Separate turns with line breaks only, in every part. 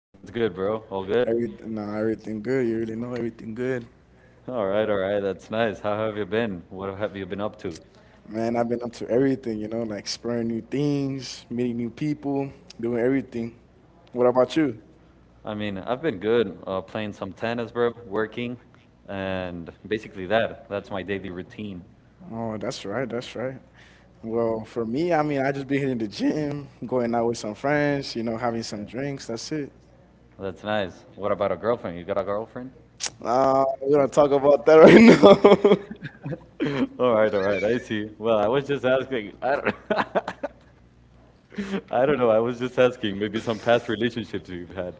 What's good, bro? All good?
Everything good. You really know everything good.
All right, all right. That's nice. How have you been? What have you been up to?
Man, I've been up to everything, you know, like exploring new things, meeting new people, doing everything. What about you?
I've been good, playing some tennis, bro, working, and basically that. That's my daily routine.
Oh, that's right, that's right. Well, for me, I mean, I just been hitting the gym, going out with some friends, you know, having some drinks. That's it.
That's nice. What about a girlfriend? You got a girlfriend?
We don't talk about that right now.
All right, all right. I see. Well, I was just asking. I don't I don't know. I was just asking maybe some past relationships you've had.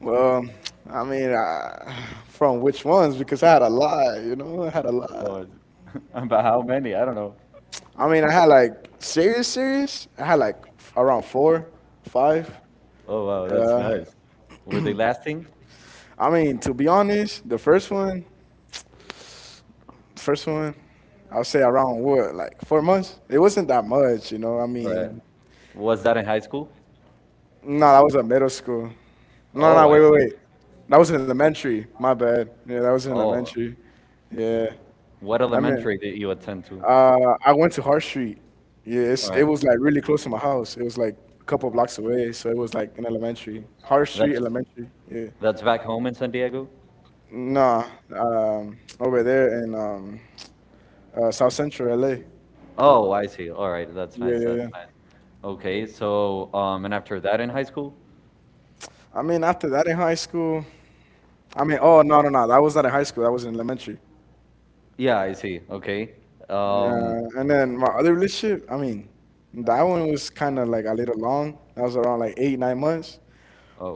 Well, I mean, from which ones? Because I had a lot, you know, I had a lot.
Or about how many? I don't know.
I mean, I had like serious, serious. I had like around four, five.
Oh wow, that's
Uh,
nice. Were they lasting?
I mean, to be honest, the first one, I'll say around what, like 4 months. It wasn't that much, you know. I
Or
mean,
was that in high school?
no, that was at middle school. No,
Oh,
no,
I
wait, wait,
see.
wait. That was in elementary. My bad. Yeah, that was in
Oh,
elementary. Yeah.
what
I mean,
elementary did you attend to?
I went to Hart Street. Yeah, it was like really close to my house. It was like a couple blocks away, so it was like in elementary. Hart Street
That's
Elementary. Yeah.
back home in San Diego?
Nah, over there in South Central LA.
Oh, I see. All right, that's
Yeah,
nice.
yeah,
That's
yeah.
nice. Okay, so and after that in high school?
I mean, after that in high school, I mean, oh no, no, no, that was not in high school. That was in elementary.
Yeah,
Yeah,
I see. Okay. Um,
and then my other relationship, I mean, that one was kind of like a little long. That was around like eight, 9 months.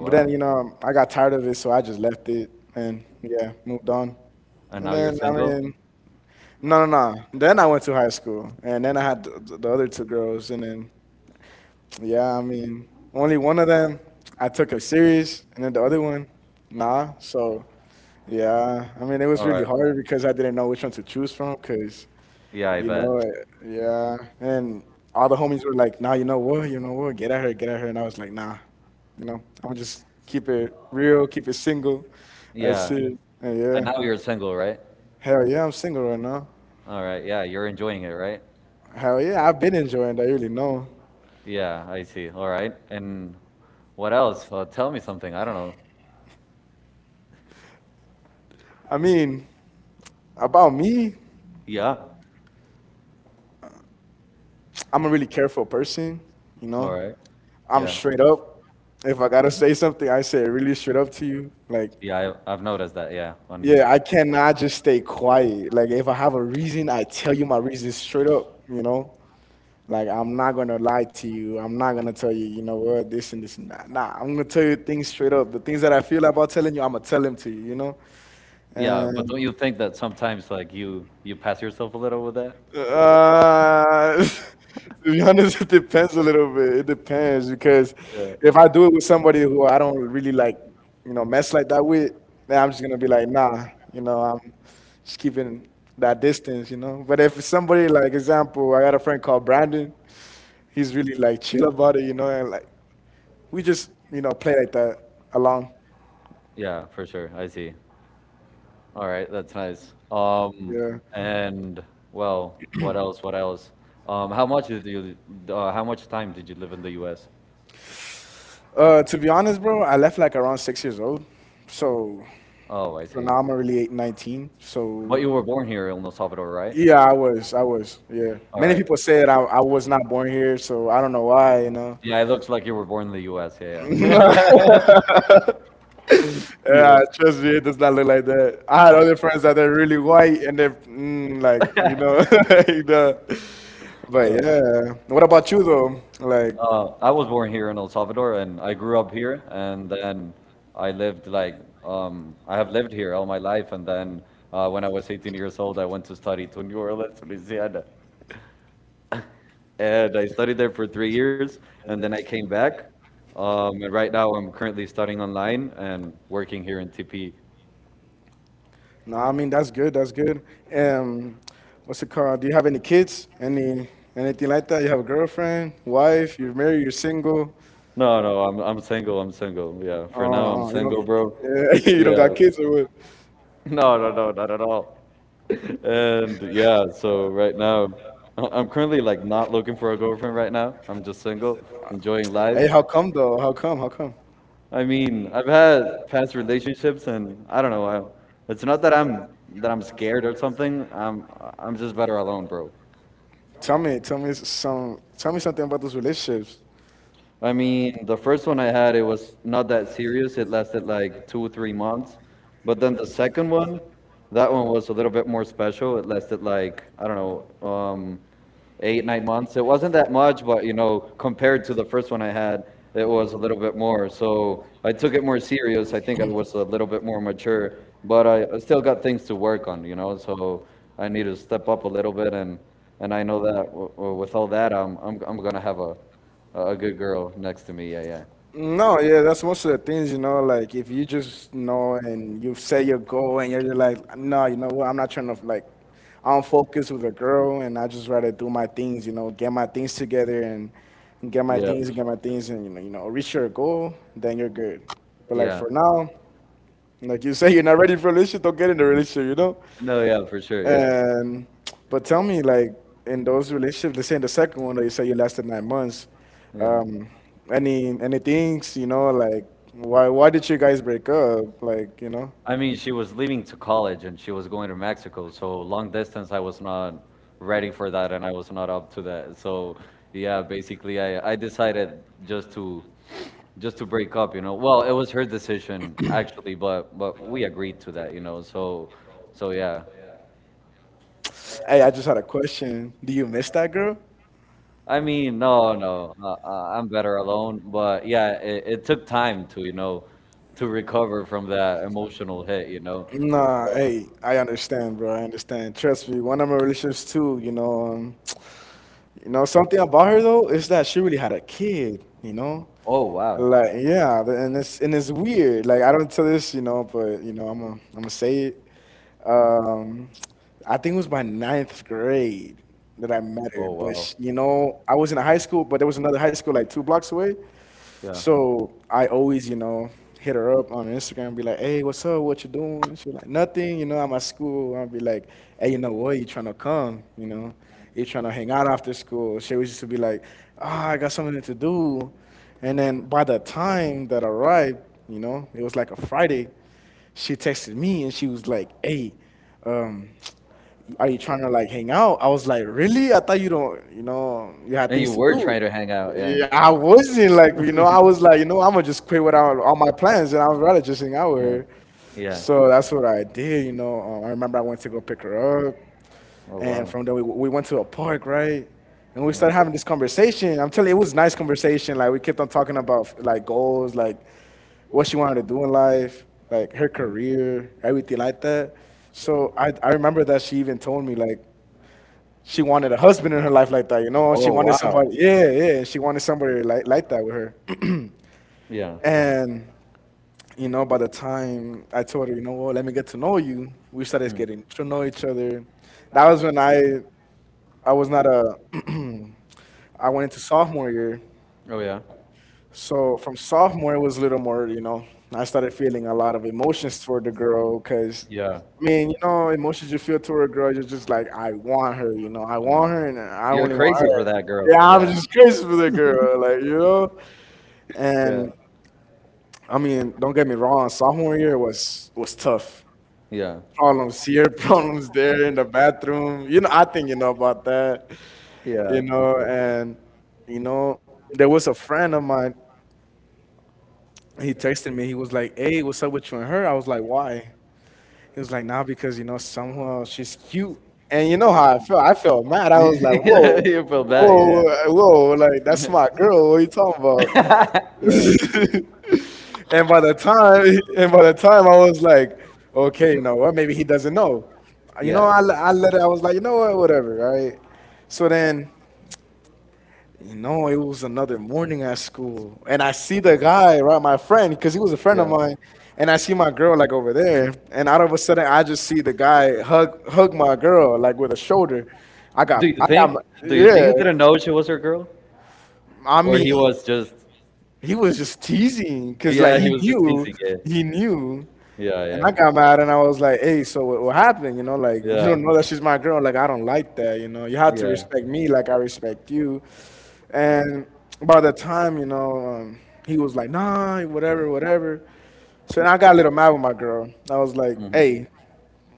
But then, you know, I got tired of it, so I just left it and yeah, moved on.
and
And
now you're
then, I
single?
mean, no, no, no. Then I went to high school, and then I had the other two girls, and then, yeah, I mean, only one of them I took her serious, and then the other one, nah. So yeah, I mean, it was really hard because I didn't know which one to choose from because,
Yeah, I
you know,
bet.
yeah. And all the homies were like, nah, you know what, get at her, get at her. And I was like, nah, you know, I'm gonna just keep it real, keep it single. That's
Yeah.
it. And
And now
yeah.
you're single, right?
Hell yeah, I'm single right now.
All right. Yeah, you're enjoying it, right?
Hell yeah, I've been enjoying that, you really know.
Yeah, I see. All right. And what else? Tell me something. I don't know.
I mean, about me,
Yeah.
I'm a really careful person, you
All
know.
right.
I'm straight up. If I gotta say something, I say it really straight up to you. Like,
Yeah, I've noticed that. Yeah, on you.
yeah, I cannot just stay quiet. Like if I have a reason, I tell you my reason straight up, you know? Like I'm not gonna lie to you. I'm not gonna tell you, you know what, this and this and that. Nah, I'm gonna tell you things straight up. The things that I feel about telling you, I'm gonna tell them to you, you know?
Yeah,
Yeah.
but
And
don't you think that sometimes like you pass yourself a little with that?
Uh, to be honest, it depends a little bit. It depends because if I do it with somebody who I don't really like, you know, mess like that with, then I'm just gonna be like, nah, you know, I'm just keeping that distance, you know. But if it's somebody like, example, I got a friend called Brandon. He's really like chill about it, you know, and like we just, you know, play like that along.
Yeah, for sure. I see. All right, that's nice.
Yeah.
And well, what else? What else? Um, how much did you? How much time did you live in the U.S.?
To be honest, bro, I left like around 6 years old, so
Oh, I
so
see.
now I'm already eight, 19.
But you were
So.
born here in El Salvador, right?
Yeah, I was. I was. Yeah. Many people said I was not born here, so I don't know why, you know.
Yeah, it looks like you were born in the U.S. Yeah,
Yeah,
yeah. Yeah.
trust me, it does not look like that. I had other friends that are really white and they're like, you know, you know. But yeah. What about you though? Like,
I was born here in El Salvador, and I grew up here, and then I lived like I have lived here all my life, and then when I was 18 years old, I went to study to New Orleans, Louisiana, and I studied there for 3 years, and then I came back. And right now, I'm currently studying online and working here in TP.
no, I mean that's good. That's good. Um, what's it called? Do you have any kids? Anything like that? You have a girlfriend, wife? You're married? You're single?
No, no, I'm single. I'm single. Yeah, for now, I'm
You
single,
don't,
bro.
yeah, you don't got
Yeah.
kids or what?
No, no, no, not at all. And yeah, so right now, I'm currently like not looking for a girlfriend right now. I'm just single, enjoying
Hey,
life.
how come though? How come? How come?
I mean, I've had past relationships, and I don't know. It's not that I'm scared or something. I'm just better alone, bro.
Tell me some, tell me something about those relationships.
I mean, the first one I had, it was not that serious. It lasted like two, 3 months. But then the second one, that one was a little bit more special. It lasted like, I don't know, eight, 9 months. It wasn't that much, but you know, compared to the first one I had, it was a little bit more. So I took it more serious. I think I was a little bit more mature, but I still got things to work on, you know. So I need to step up a little bit, and I know that with all that, I'm gonna have a good girl next to me. Yeah, yeah,
No, yeah, that's most of the things, you know, like if you just know and you set your goal and you're just like, no, you know what, I'm not trying to like, I don't focus with a girl and I just rather do my things, you know, get my things together and get my
yeah,
things
for
and get
sure.
my things and, you know, reach your goal, then you're good. But like
Yeah,
for now, like you say, you're not ready for a relationship, don't get in a relationship, you know?
no, yeah, for sure. Yeah,
And but tell me, like in those relationships, let's say in the second one that you say you lasted 9 months,
yeah.
um, any things, you know, like why did you guys break up? Like, you know?
I mean, she was leaving to college and she was going to Mexico, so long distance, I was not ready for that and I was not up to that. So, yeah, basically, I decided just to break up, you know. Well, it was her decision actually, but we agreed to that, you know. So, so yeah.
Hey, I just had a question. Do you miss that girl?
I mean, no, no, I'm better alone. But yeah, it took time to, you know, to recover from that emotional hit, you know.
Nah, hey, I understand, bro. I understand. Trust me, one of my relationships too, you know, you know, something about her though is that she really had a kid, you know?
Oh, wow.
Like yeah, and it's weird. Like I don't tell this, you know, but you know, I'm gonna say it. Um, I think it was my ninth grade that I met her, but sh you know, I was in a high school, but there was another high school like two blocks away.
Yeah.
So I always, you know, hit her up on Instagram and be like, hey, what's up? What you doing? She like, nothing. You know, I'm at school. I'll be like, hey, you know what? You trying to come? You know, you trying to hang out after school? She always used to be like, ah, I got something to do. And then by the time that I arrived, you know, it was like a Friday she texted me and she was like, "Hey, um, are you trying to like hang out?" I was like, "Really? I thought you don't, you know, you had
And you
things to
were
do."
trying to hang out. Yeah.
Yeah, I wasn't like, you know, I was like, you know, I'm gonna just quit without all my plans, and I would rather just hang out with
Yeah.
her.
Yeah.
So that's what I did, you know. I remember I went to go pick her up,
Oh,
and
wow.
from there we went to a park, right? And we started having this conversation. I'm telling you, it was nice conversation. Like we kept on talking about like goals, like what she wanted to do in life, like her
Yeah.
career, everything like that. So I remember that she even told me like she wanted a husband in her life like that, you know? She
Oh,
wanted
wow.
somebody, yeah, yeah, she wanted somebody like that with her.
Yeah.
And you know, by the time I told her, you know what, let me get to know you, we started getting to know each other. That was when I was not a I went into sophomore year.
Oh, yeah.
So from sophomore, it was a little more, you know, I started feeling a lot of emotions toward the girl because, yeah.
Yeah.
I mean, you know, emotions you feel toward a girl, you're just like, I want her, you know, I
Yeah.
want her and I
You're
only want
crazy for
her.
that girl.
Yeah, I'm just crazy for the girl, like, you know? And I mean, don't get me wrong, sophomore year was tough.
Yeah.
Problems here, problems there in the bathroom. You know, I think you know about that,
Yeah,
you
for
know,
sure.
and you know, there was a friend of mine he texted me. He was like, "Hey, what's up with you and her?" I was like, "Why?" He was like, "Nah, because you know somehow she's cute." And you know how I felt. I felt mad. I was like, "Whoa,
You feel bad.
whoa, whoa!" Like that's
Yeah.
my girl. What are you talking about?
Yeah. Yeah.
And by the time, I was like, "Okay, you know what? Maybe he doesn't know." You
Yeah.
know, I let it. I was like, "You know what? Whatever." Right. So then you know, it was another morning at school, and I see the guy, right, my friend, because he was a friend of
Yeah.
mine, and I see my girl like over there, and out of a sudden, I just see the guy hug my girl like with a shoulder.
Do you think? Do you think
Yeah.
he didn't know she was her girl,
I
or
mean,
he was just?
he was just teasing because like
Yeah, he was just teasing
he
it.
knew,
Yeah,
and I
yeah,
got mad, and I was like, hey, so what happened? You know, like you
yeah,
don't know that she's my girl. Like I don't like that. You know, you have to
yeah.
respect me like I respect you. And by the time, you know, he was like, nah, whatever, whatever. So then I got a little mad with my girl. I was like,
Hmm.
"Hey,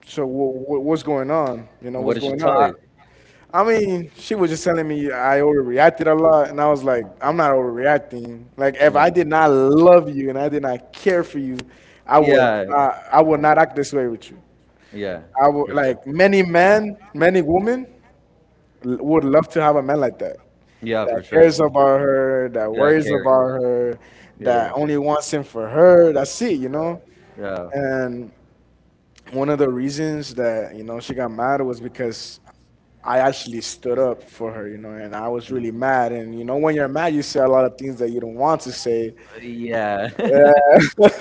so what's going on? You know,
What
what's
did she
going
tell
on?" I,
you?
I mean, she was just telling me I overreacted a lot, and I was like, "I'm not overreacting. Like, if I
Yeah,
did not love you and I did not care for you,
yeah,
I would not act this way with you.
yeah,
I
for
would
sure.
like many men, many women would love to have a man like that,
Yeah,
that
for sure.
cares about her, that
Yeah,
worries
Carrie.
about her, that
Yeah,
only wants him for her. That's it, you know."
yeah,
And one of the reasons that you know she got mad was because I actually stood up for her, you know, and I was really mad. And you know, when you're mad, you say a lot of things that you don't want to say.
yeah,
Yeah.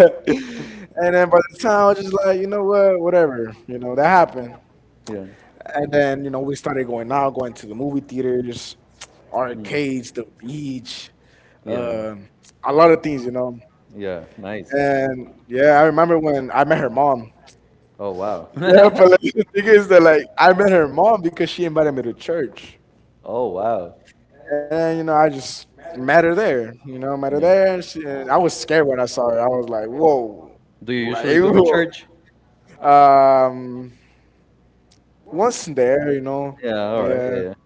And then by the time I was just like, "You know what, whatever, you know, that happened."
yeah,
And then, you know, we started going out, going to the movie theaters, arcades, the beach,
yeah,
um, a lot of things, you know.
yeah. Nice.
And yeah, I remember when I met her mom.
Oh wow.
Yeah, but like, the thing is that like I met her mom because she invited me to church,
Oh wow.
and you know I just met her there. You know, met her
Yeah.
there. She, and I was scared when I saw her. I was like, whoa,
Do you
like
usually go to
whoa.
church?
Um, Once there, you know,
Yeah. All right.
yeah.
Yeah.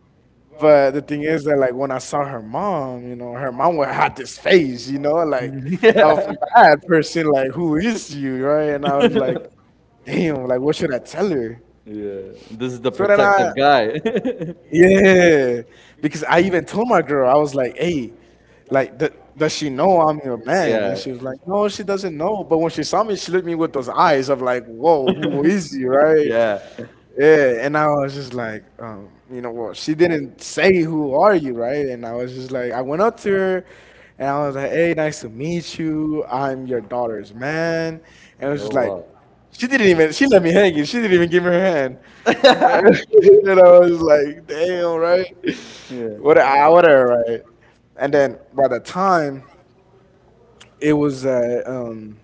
But the thing is that, like, when I saw her mom, you know, her mom would had this face, you know, like of bad person, like, "Who is you?" Right? And I
Yeah.
was like, damn, like, what should I tell her?
Yeah. This is the
So then I,
protective guy.
yeah, because I even told my girl, I was like, "Hey, like, does she know I'm your man?" And
Yeah.
she was like, "No, she doesn't know." But when she saw me, she looked at me with those eyes of like, whoa, who is you, right?
Yeah.
Yeah, and I was just like, you know well, she didn't say who are you, right? And I was just like, I went up to her, and I was like, "Hey, nice to meet you. I'm your daughter's man." And it was
Oh
just like,
wow.
she didn't even. She let me hanging. She didn't even give me her hand. And I was like, damn, right? What,
Yeah.
whatever, right? And then by the time it was,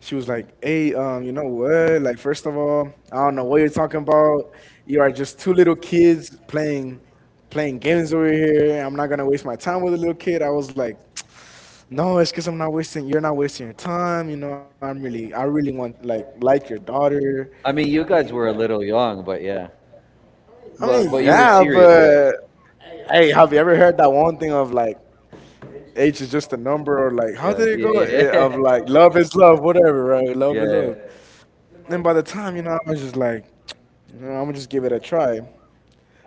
she was like, "Hey, you know what? Like, first of all, I don't know what you're talking about. You are just two little kids playing games over here. I'm not gonna waste my time with a little kid." I was like, "No, it's because I'm not wasting. You're not wasting your time. You know, I'm really, I really want like your daughter.
I mean, you guys were a little young, but yeah.
I
But
mean,
you were
yeah,
serious, yeah.
but hey, have you ever heard that one thing of like age is just a number, or like how
Yeah.
did it go?
Yeah.
Eh, of like love is love, whatever, right? Love is
Yeah.
love." And by the time, you know, I was just like, "No, I'm gonna just give it a try."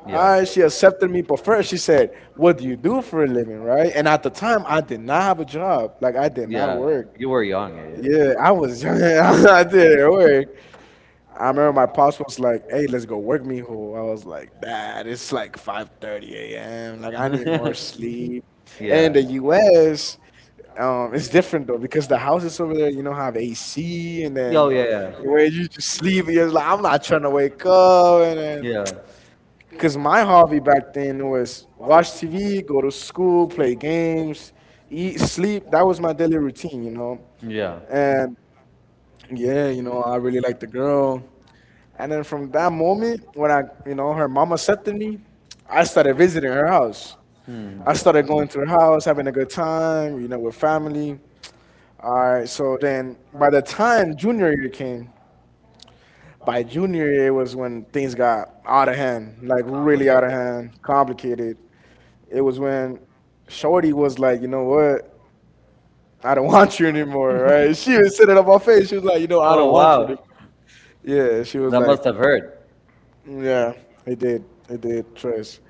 Yeah. Yeah.
She accepted me, but first she said, "What do you do for a living?" Right? And at the time, I did not have a job. Like I did not
Yeah.
work.
You were young, yeah.
Yeah, I was young. I didn't work. I remember my pops was like, "Hey, let's go work, mijo." I was like, "Dad, it's like 5:30 a.m. Like I need
Yeah.
more sleep." And
Yeah.
in the U.S., it's different though because the houses over there, you know, have AC, and then
Oh yeah.
where you just sleep, you're like, I'm not trying to wake up, and then
Yeah. Yeah.
because my hobby back then was watch TV, go to school, play games, eat, sleep. That was my daily routine, you know.
Yeah.
And yeah, you know, I really liked the girl. And then from that moment, when I, you know, her mom accepted me, I started visiting her house.
Hmm.
I started going to her house, having a good time, you know, with family. All right. So then by the time junior year came, by junior year was when things got out of hand, like really out of
Complicated.
hand, complicated. It was when Shorty was like, you know what? I don't want you anymore, right? She was sitting on my face. She was like, you know, I don't
Oh
want you anymore.
wow.
Yeah, she was
That
like,
must have hurt.
yeah, it did. It did, trust.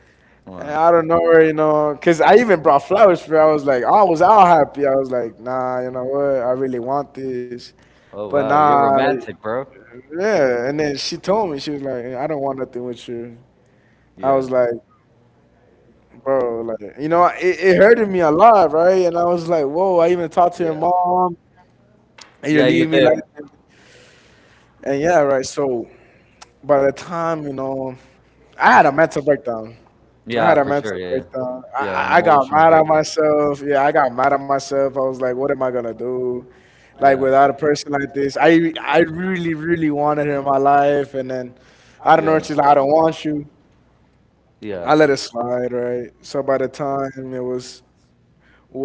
And I
Wow.
don't know her, you know, because I even brought flowers for her. I was like, I was all happy. I was like, nah, you know what? I really want this.
Oh
But
wow. You're
nah,
romantic, bro.
yeah. And then she told me, she was like, "I don't want nothing with you." I
Yeah.
was like, bro, like, you know, it hurted me a lot, right? And I was like, whoa, I even talked to her
Yeah.
mom. And you
Yeah, you
leave me
did.
like that. And yeah, right. So by the time, you know, I had a mental breakdown. I
Yeah,
had a
for sure.
mental
Yeah,
breakdown. I,
yeah, yeah, an
I I got
emotional
mad at
breakdown.
myself. Yeah, I got mad at myself. I was like, what am I gonna do? Like
Yeah,
without a person like this, I really really wanted her in my life, and then I don't know. She's like, "I don't want you." Yeah. I
yeah.
let it slide, right? So by the time it was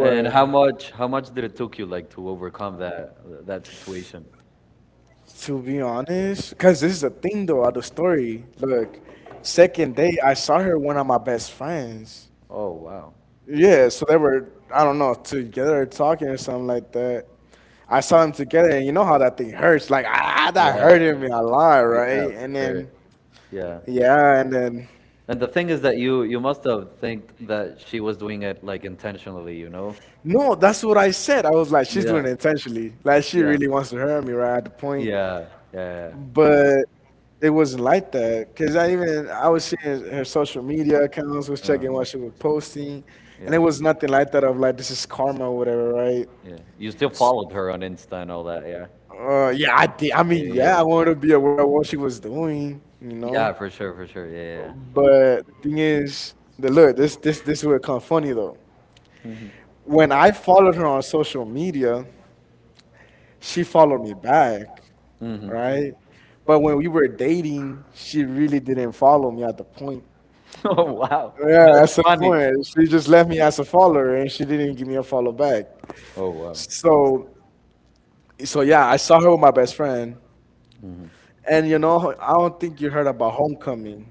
And how much did it took you like to overcome that situation?
To be honest, because this is the thing though of the story. Look, second day I saw her, one of my best friends.
Oh wow.
Yeah, so they were I don't know together talking or something like that. I saw them together, and you know how that thing hurts. Like ah, that
Yeah,
hurted me a lot, right?
yeah, for
And
sure.
then
Yeah.
yeah, and then
And the thing is that you must have think that she was doing it like intentionally, you know?
no, that's what I said. I was like, she's
Yeah,
doing it intentionally. Like she
yeah,
really wants to hurt me right at the point.
yeah, yeah,
But it wasn't like that because I even I was seeing her social media accounts, was checking what she was posting, and it
yeah,
was nothing like that of like this is karma or whatever, right?
yeah. You still followed her on Insta and all that, yeah?
Yeah, I did. I
Yeah,
mean,
yeah.
yeah, I
Yeah,
wanted to be aware of what she was doing, you know.
yeah, for sure, for sure. Yeah, yeah.
But the thing is, the look, this would come funny though.
Yeah. Mm-hmm.
When I followed her on social media, she followed me back,
Mm-hmm.
right? But when we were dating, she really didn't follow me at the point.
Oh wow.
Yeah,
That's
that's the
funny.
point. She just left me as a follower and she didn't give me a follow back.
Oh wow.
So yeah, I saw her with my best friend.
Mm-hmm.
And you know, I don't think you heard about homecoming.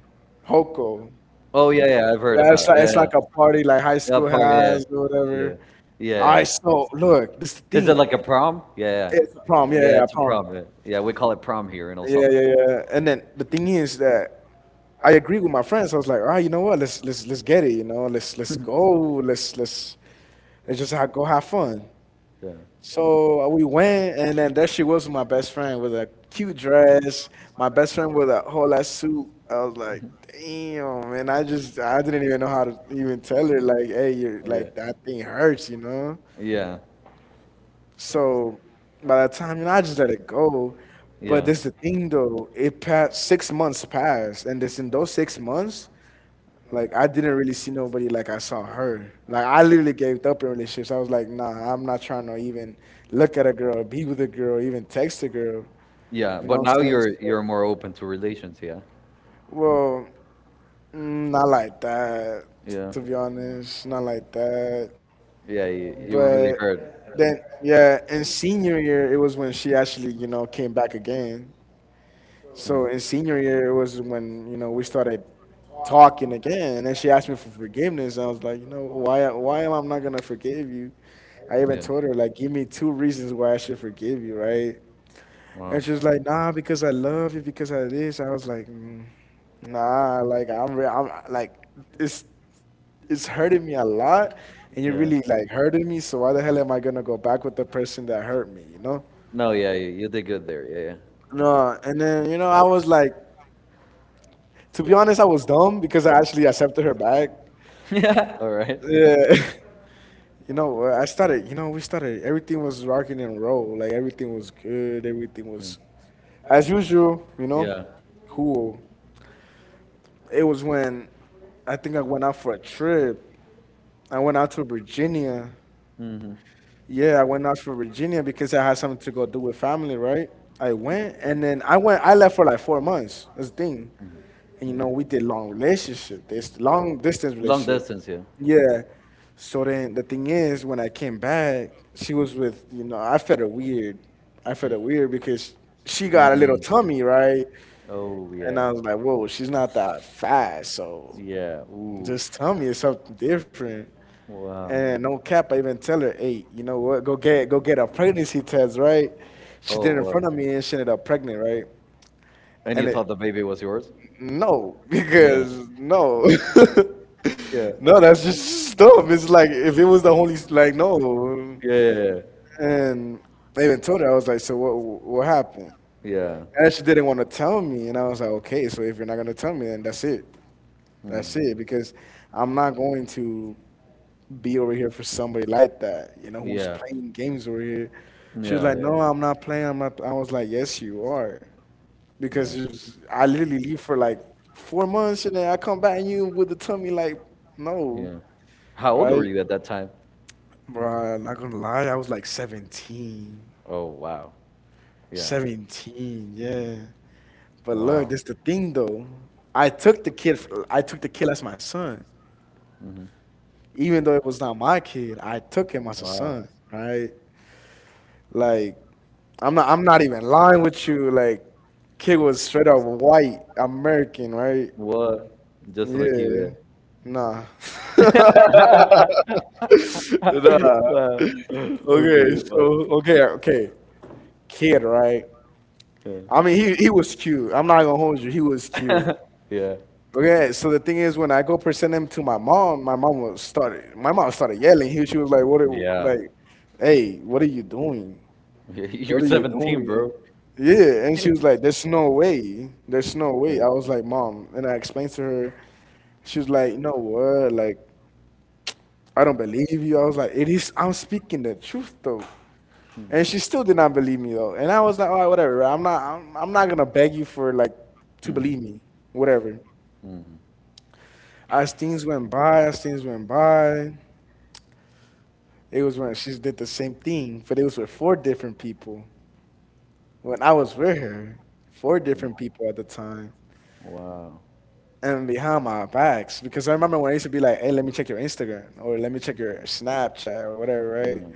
Hoko.
Oh yeah, yeah, I've heard
Yeah, it's like a party like high
that
school
part. Yeah,
has or
yeah,
whatever.
yeah.
Alright, so look, this
Is it
thing.
like a prom? Yeah, yeah,
It's a prom, yeah, yeah,
yeah.
yeah,
It's a
prom.
prom. Yeah, yeah we call it prom here in El
Yeah, yeah,
Salvador.
yeah. And then the thing is that I agree with my friends. I was like, all right, you know what? Let's get it. You know, let's go. Let's let's let's just ha go have fun.
Yeah,
So we went, and then there she was with my best friend with a cute dress, my best friend with a whole ass suit. I was like, damn, man, I didn't even know how to even tell her, like, hey, you're
yeah,
like, that thing hurts, you know?
yeah,
So by the time, you know, I just let it go. But
yeah,
this is the thing, though, it passed, 6 months passed, and this in those 6 months, like I didn't really see nobody like I saw her. Like I literally gave up in relationships. I was like, nah, I'm not trying to even look at a girl, be with a girl, even text a girl.
yeah.
You know
But
what
now
I'm saying?
you're more open to relations. Yeah,
Well, not like that,
yeah,
to be honest. Not like that.
yeah. You were really
But
hurt.
then, yeah, in senior year, it was when she actually, you know, came back again.
Mm.
So in senior year, it was when you know we started talking again, and then she asked me for forgiveness. I was like, you know, why am I not gonna forgive you? I
Yeah.
even told her like, give me two reasons why I should forgive you, right?
Wow.
And she was like, nah, because I love you, because of this. I was like, mm, nah, like I'm, I'm like it's hurting me a lot, and you
Yeah.
really like hurting me. So why the hell am I gonna go back with the person that hurt me? You know?
No. Yeah. You did good there.
No, and then you know I was like to be honest, I was dumb because I actually accepted her back.
Yeah. Yeah. Yeah. All right.
Yeah. You know, I started, you know, we started, everything was rocking and roll. Like, everything was good. Everything
Yeah.
was, as usual, you know,
Yeah.
cool. It was when I think I went out for a trip. I went out to Virginia.
Hmm.
Yeah, I went out for Virginia because I had something to go do with family, right? I went, and then I went, I left for like 4 months. That's the thing, and you know we did long distance
Long
relationship.
distance. Yeah.
Yeah, so then the thing is when I came back, she was with you know I felt her weird. Because she got a little
Mm.
tummy, right?
Oh
And
yeah.
I was like, whoa, she's not that fat, so
Yeah.
just
Oof.
tell me it's something different.
Wow.
And no cap, I even tell her, hey, you know what, go get a pregnancy test, right? She
Oh
did it in
wow!
front of me and she ended up pregnant, right?
And you
and it
thought the baby was yours?
No,
Yeah.
because no, no,
Yeah.
that's just dumb. It's like if it was the Holy, like, no.
Yeah. Yeah.
And I even told her, I was like, so what happened?
Yeah.
And she didn't want to tell me, and I was like, okay, so if you're not gonna tell me, then that's
Mm.
it, because I'm not going to be over here for somebody like that, you know, who's
Yeah.
playing games over here. She was
Yeah.
like, no,
Yeah.
I'm not playing. I'm not. I was like, yes, you are,
Yeah.
because I literally leave for like 4 months and then I come back and you with a tummy like, no,
Yeah. How old were
right?
you at that time?
Bruh, not gonna lie, I was like 17.
Oh wow! Yeah.
17, yeah. But
Wow.
look, this the thing though. I took the kid I took the kid as my son.
Hmm.
Even though it was not my kid, I took him as a son, right? Like I'm not even lying with you, like kid was straight up white American, right?
What? Just like you,
Yeah.
yeah.
Nah. Nah.
Wow.
Okay,
Okay.
so
Wow.
okay, okay. Kid, right? I mean he was cute. I'm not gonna hold you, he was cute.
Yeah. Yeah.
Okay, so the thing is when I go present him to my mom was started my mom started yelling. She was like, What are
Yeah.
like, hey, what are you doing?
You're
What are you
17,
doing?
bro.
Yeah, and she was like, "There's no way, there's no way."
Yeah.
I was like, "Mom," and I explained to her. She was like, "You know what? Like, I don't believe you." I was like, it is. I'm speaking the truth though, and she
Mm.
still did not believe me though. And I was like, all right, whatever, right? I'm not. I'm not gonna beg you for like to
Mhm.
believe me. Whatever.
Mhm.
As things went by, it was when she did the same thing, but it was with four different people. When I was with her, four different people at the time,
Wow.
and behind my backs, because I remember when I used to be like, hey, let me check your Instagram or let me check your Snapchat or whatever, right?
Mm.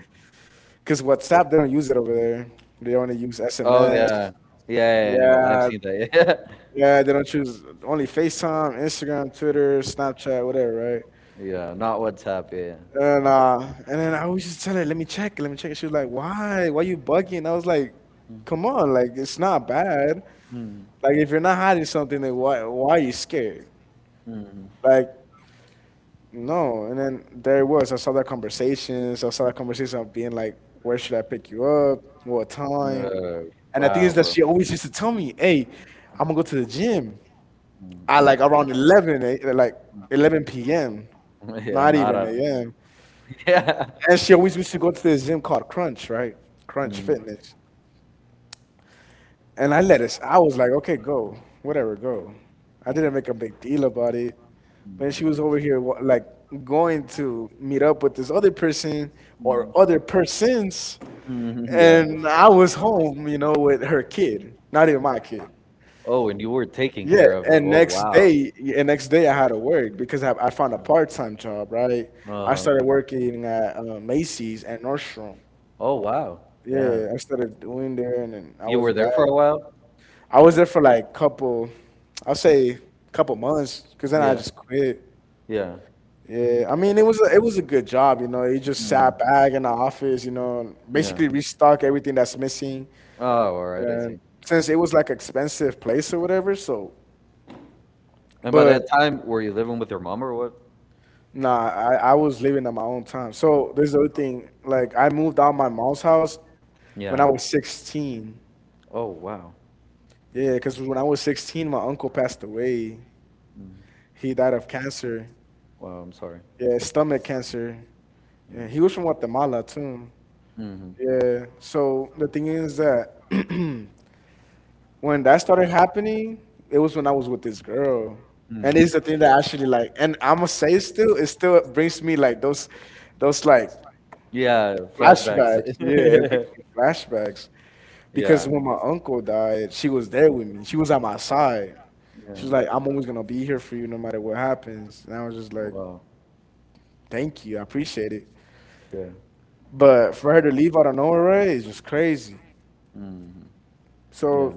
Because WhatsApp, they don't use it over there. They only use
Oh yeah.
SMS.
Yeah, yeah,
Yeah,
yeah. Yeah. I've seen
yeah,
that. Yeah.
yeah, they don't choose, only FaceTime, Instagram, Twitter, Snapchat, whatever, right?
Yeah, not WhatsApp, yeah.
And uh, and then I was just telling her, let me check, let me check. She was like, why? Why you bugging? And I was like, come on, like, it's not bad.
Mhm.
Like, if you're not hiding something, then why are you scared?
Mhm.
Like, no. And then there it was. I saw that conversation. So I saw that conversation of being like, where should I pick you up? What time?
Uh,
And the thing
wow,
is that
bro.
she always used to tell me, hey, I'm gonna go to the gym. I
Mm.
like around 11, like 11 p.m.,
Yeah,
not
not
even
a
a.m.
Yeah.
And she always used to go to this gym called Crunch, right? Crunch
Mhm.
Fitness. And I let us, I was like, okay, go, whatever, go. I didn't make a big deal about it when she
Mhm.
was over here like going to meet up with this other person or
Mhm.
other persons,
Mhm, yeah.
and I was home, you know, with her kid, not even my kid.
Oh, and you were taking
Yeah.
care of it.
And
Oh,
next
wow.
day, yeah, and next day I had to work because I found a part-time job, right? I
Uh-huh.
started working at Macy's and Nordstrom.
Oh, wow. Yeah.
Yeah, I started doing there, and then I
You
was
were there
bad.
for a while?
I was there for like couple I'll say couple months, because then I
Yeah.
just quit.
Yeah.
Yeah, I mean it was a good job, you know. He just
Mhm.
sat back in the office, you know,
Yeah.
basically restock everything that's missing.
Oh, all right, I
And
see.
since it was like expensive place or whatever, so
And by
but
that time, were you living with your mom or what?
nah, I was living at my own time. So there's the other thing, like, I moved out my mom's house when I
Yeah.
was 16.
Oh, wow.
Yeah, because when I was 16, my uncle passed away.
Mhm.
He died of cancer.
Wow, I'm sorry.
Yeah, stomach cancer. Yeah, he
Yeah.
was from Guatemala too.
Hmm.
Yeah. So the thing is that when that started happening, it was when I was with this girl,
Hmm.
and it's the thing that actually, like, and I'm gonna say still, it still brings me like those like
Yeah, flashbacks.
flashbacks. Yeah, it brings me flashbacks because
Yeah.
when my uncle died, she was there with me. She was at my side.
Yeah.
She was like, "I'm always gonna be here for you, no matter what happens." And I was just like,
Wow.
"Thank you, I appreciate it."
Yeah.
But for her to leave out of nowhere, right, it's just crazy.
Hmm.
So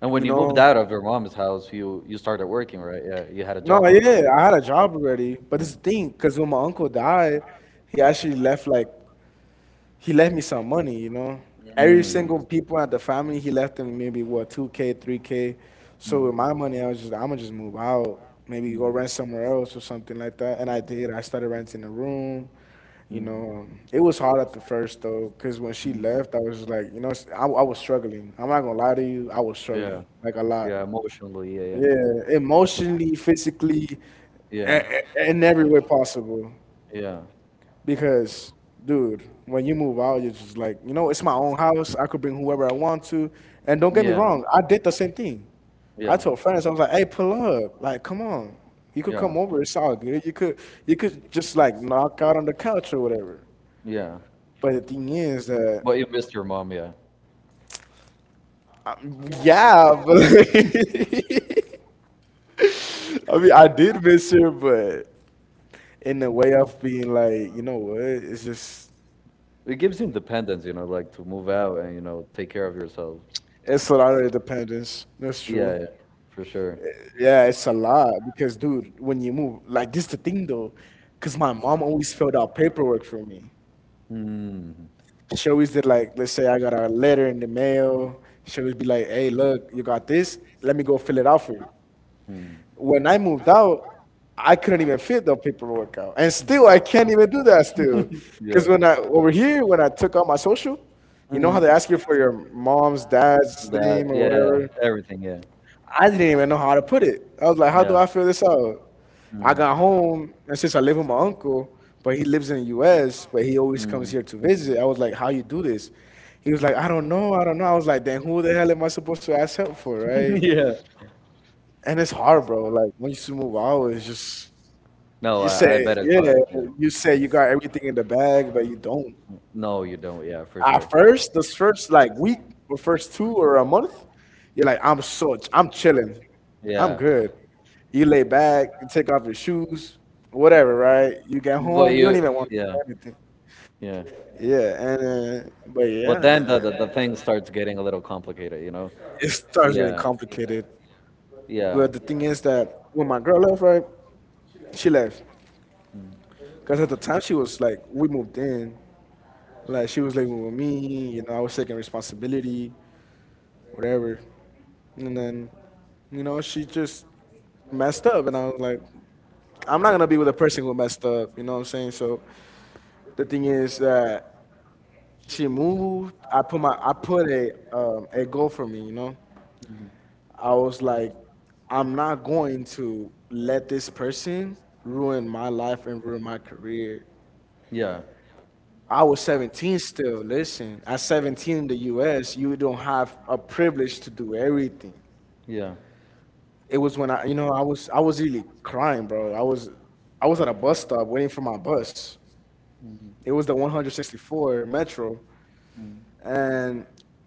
And when
you
you moved
know.
out of your mom's house, you started working, right? Yeah, you had a
No,
job
yeah,
already.
I had a job already. But
Yeah.
this is the thing, because when my uncle died, he actually left like he left me some money, you know. Every
Mhm.
single people at the family, he left them maybe what, 2K, 3K. So with my
Mm.
money, I'ma just move out, maybe
Mm.
go rent somewhere else or something like that. And I did. I started renting a room. You
Mm.
know, it was hard at the first though, because when she
Mm.
left, I was just like, you know, I was struggling. I'm not gonna lie to you, I was
Yeah.
struggling like a lot.
Yeah. Emotionally. Yeah.
Yeah, emotionally, physically,
Yeah.
yeah,
Yeah.
in every way possible.
Yeah.
Because, dude, when you move out, you're just like, you know, it's my own house. I could bring whoever I want to. And don't get me
Yeah.
wrong, I did the same thing. I, yeah,
Yeah.
told friends. I was like, hey, pull up. Like, come on. You could, yeah,
Yeah.
come over. It's all good. You could just like knock out on the couch or whatever.
Yeah.
But the thing is that,
But you missed your mom. Yeah.
I, yeah, but I mean, I did miss her, but in the way of being like, you know what,
It gives you independence, you know, like to move out and you know take care of yourself.
it's a lot of dependence. That's true.
Yeah, yeah, for sure.
Yeah, it's a lot because, dude, when you move, like, this the thing though, because my mom always filled out paperwork for me.
Mm,
She always did, like, let's say I got a letter in the mail. She always be like, hey, look, you got this. Let me go fill it out for you.
mm.
When I moved out, I couldn't even fit the paperwork out, and still I can't even do that still,
Yeah,
because when I over here when I took out my social, you know how they
mm,
ask you for your mom's dad's
that,
name or
yeah,
whatever.
everything, yeah,
I didn't even know how to put it. I was like, how do
yeah,
I fill this out? I got
mm,
home, and since I live with my uncle, but he lives in the U.S., but he always comes
mm.
here to visit. I was like, how you do this? He was like, I don't know, I don't know. I was like, then who the hell am I supposed to ask help for, right?
Yeah.
And it's hard, bro. Like, once you move out, it's just
No,
you
I
say,
bet it's
yeah,
hard. Yeah.
you say you got everything in the bag, but you don't.
No, you don't. Yeah, for sure.
At first, this first like week or first two or a month, you're like, I'm so I'm chilling, I'm
Yeah,
good. You lay back, you take off your shoes, whatever, right? You get
but
home, you don't
you,
even want to
yeah,
do anything.
yeah.
Yeah, and but yeah, and
But then the, the thing starts getting a little complicated, you
it
know?
starts getting
Yeah,
complicated. But the thing
yeah,
is that when my girl left, right, she left. Because at the time she was like, we moved in. Like, she was living with me, you know, I was taking responsibility, whatever. And then, you know, she just messed up, and I was like, I'm not gonna be with a person who messed up, you know what I'm saying? So the thing is that she moved, I put a goal for me, you know. I was like, I'm not going to let this person ruin my life and ruin my career.
yeah,
I was 17 still. Listen, at 17 in the U.S., you don't have a privilege to do everything.
yeah.
It was when I was really crying, bro. I was at a bus stop waiting for my bus. It
Mm,
was the 164 Metro, and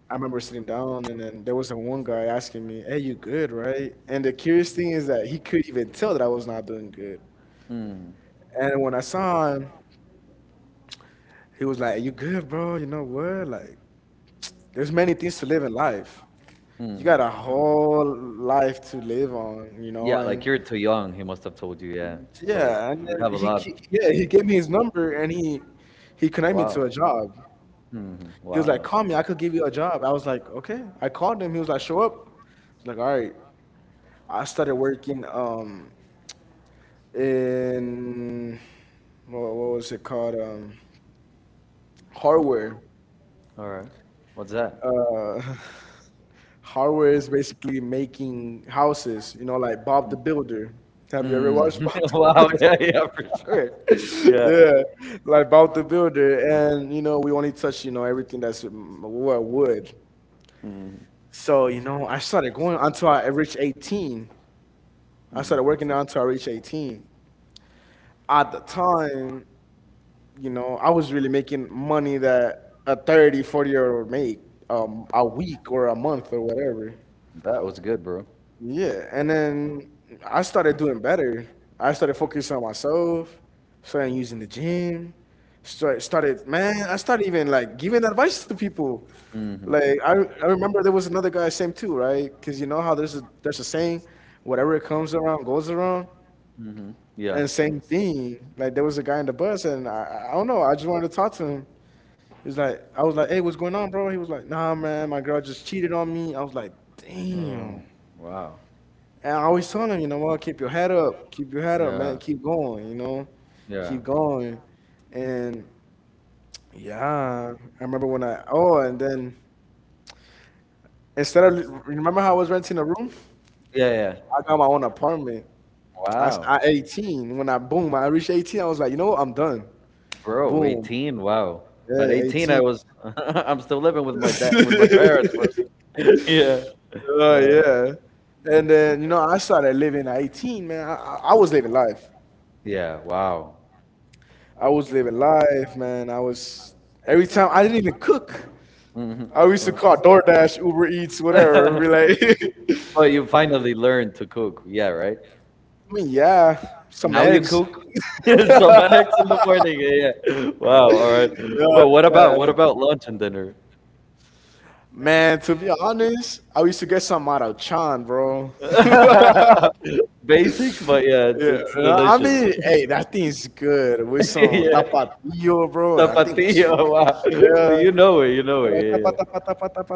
I remember sitting down, and then there was a one guy asking me, "Hey, you good, right?" And the curious thing is that he couldn't even tell that I was not doing good.
mm,
And when I saw him, he was like, "You good, bro? You know what? Like, there's many things to live in life. You
mm.
got a whole life to live on, you
Yeah,
know."
like
And
you're too young. He must have told you. Yeah. So
yeah, and
you have
then
a lot.
he gave me his number and he connected me
Wow.
to a job.
Mhm.
He was like, "Call
Wow.
me, I could give you a job." I was like, "Okay." I called him. He was like, "Show up." He's like, "All right." I started working, in what was it called, hardware.
All right. What's that?
Uh Hardware is basically making houses, you know, like Bob the Builder. Have you ever watched
Mm.
Bob?
Wow. Yeah, yeah, for sure. Yeah.
Yeah, like about the builder. And you know, we only touch everything that's, well, wood.
Mhm.
So you know, I started going until I reached 18. I started
Mm.
working out until I reached 18. At the time, you know, I was really making money that a 30, 40-year-old would make a week or a month or whatever.
That was good, bro.
Yeah, and then I started doing better. I started focusing on myself, started using the gym, started, man, I started even like giving advice to people.
Mhm.
Like I remember there was another guy, same too, right? Because you know how there's a saying, whatever comes around goes around,
Mhm. Yeah.
and same thing. Like there was a guy in the bus, and I don't know, I just wanted to talk to him. He's like, I was like, "Hey, what's going on, bro?" He was like, "Nah, man, my girl just cheated on me." I was like, "Damn."
Oh, wow.
And I always telling him, "You know what, keep your head up, keep your head up, man,
Yeah.
keep going, you know,
Yeah.
keep going." And yeah, I remember when I, oh, and then instead of, remember how I was renting a room?
Yeah, yeah.
I got my own apartment.
Wow.
At 18, when I, boom, I reached 18, I was like, "You know what, I'm done."
Bro,
Boom.
18. Wow. At
Yeah,
18 I
18.
was I'm still living with my dad with my parents, bro. Yeah.
Oh, yeah. And then, you know, I started living at 18, man. I was living life.
Yeah, wow.
I was living life, man. I was every time I didn't even cook.
Mhm.
I used to call DoorDash, Uber Eats, whatever. Be like,
But
I
you finally learned to cook. Yeah, right?
mean, yeah,
And
some
now you
eggs.
cook some eggs in the morning. Yeah, yeah. Wow. All right.
Yeah,
But what about
yeah.
lunch and dinner?
Man, to be honest, I used to get some out of Chan, bro.
Basic, but yeah,
Yeah,
it's
I
delicious.
mean, hey, that thing's good with some
Yeah.
tapatio, bro. That thing
Tapatio.
was
Wow. Well,
yeah.
you know it. You know it.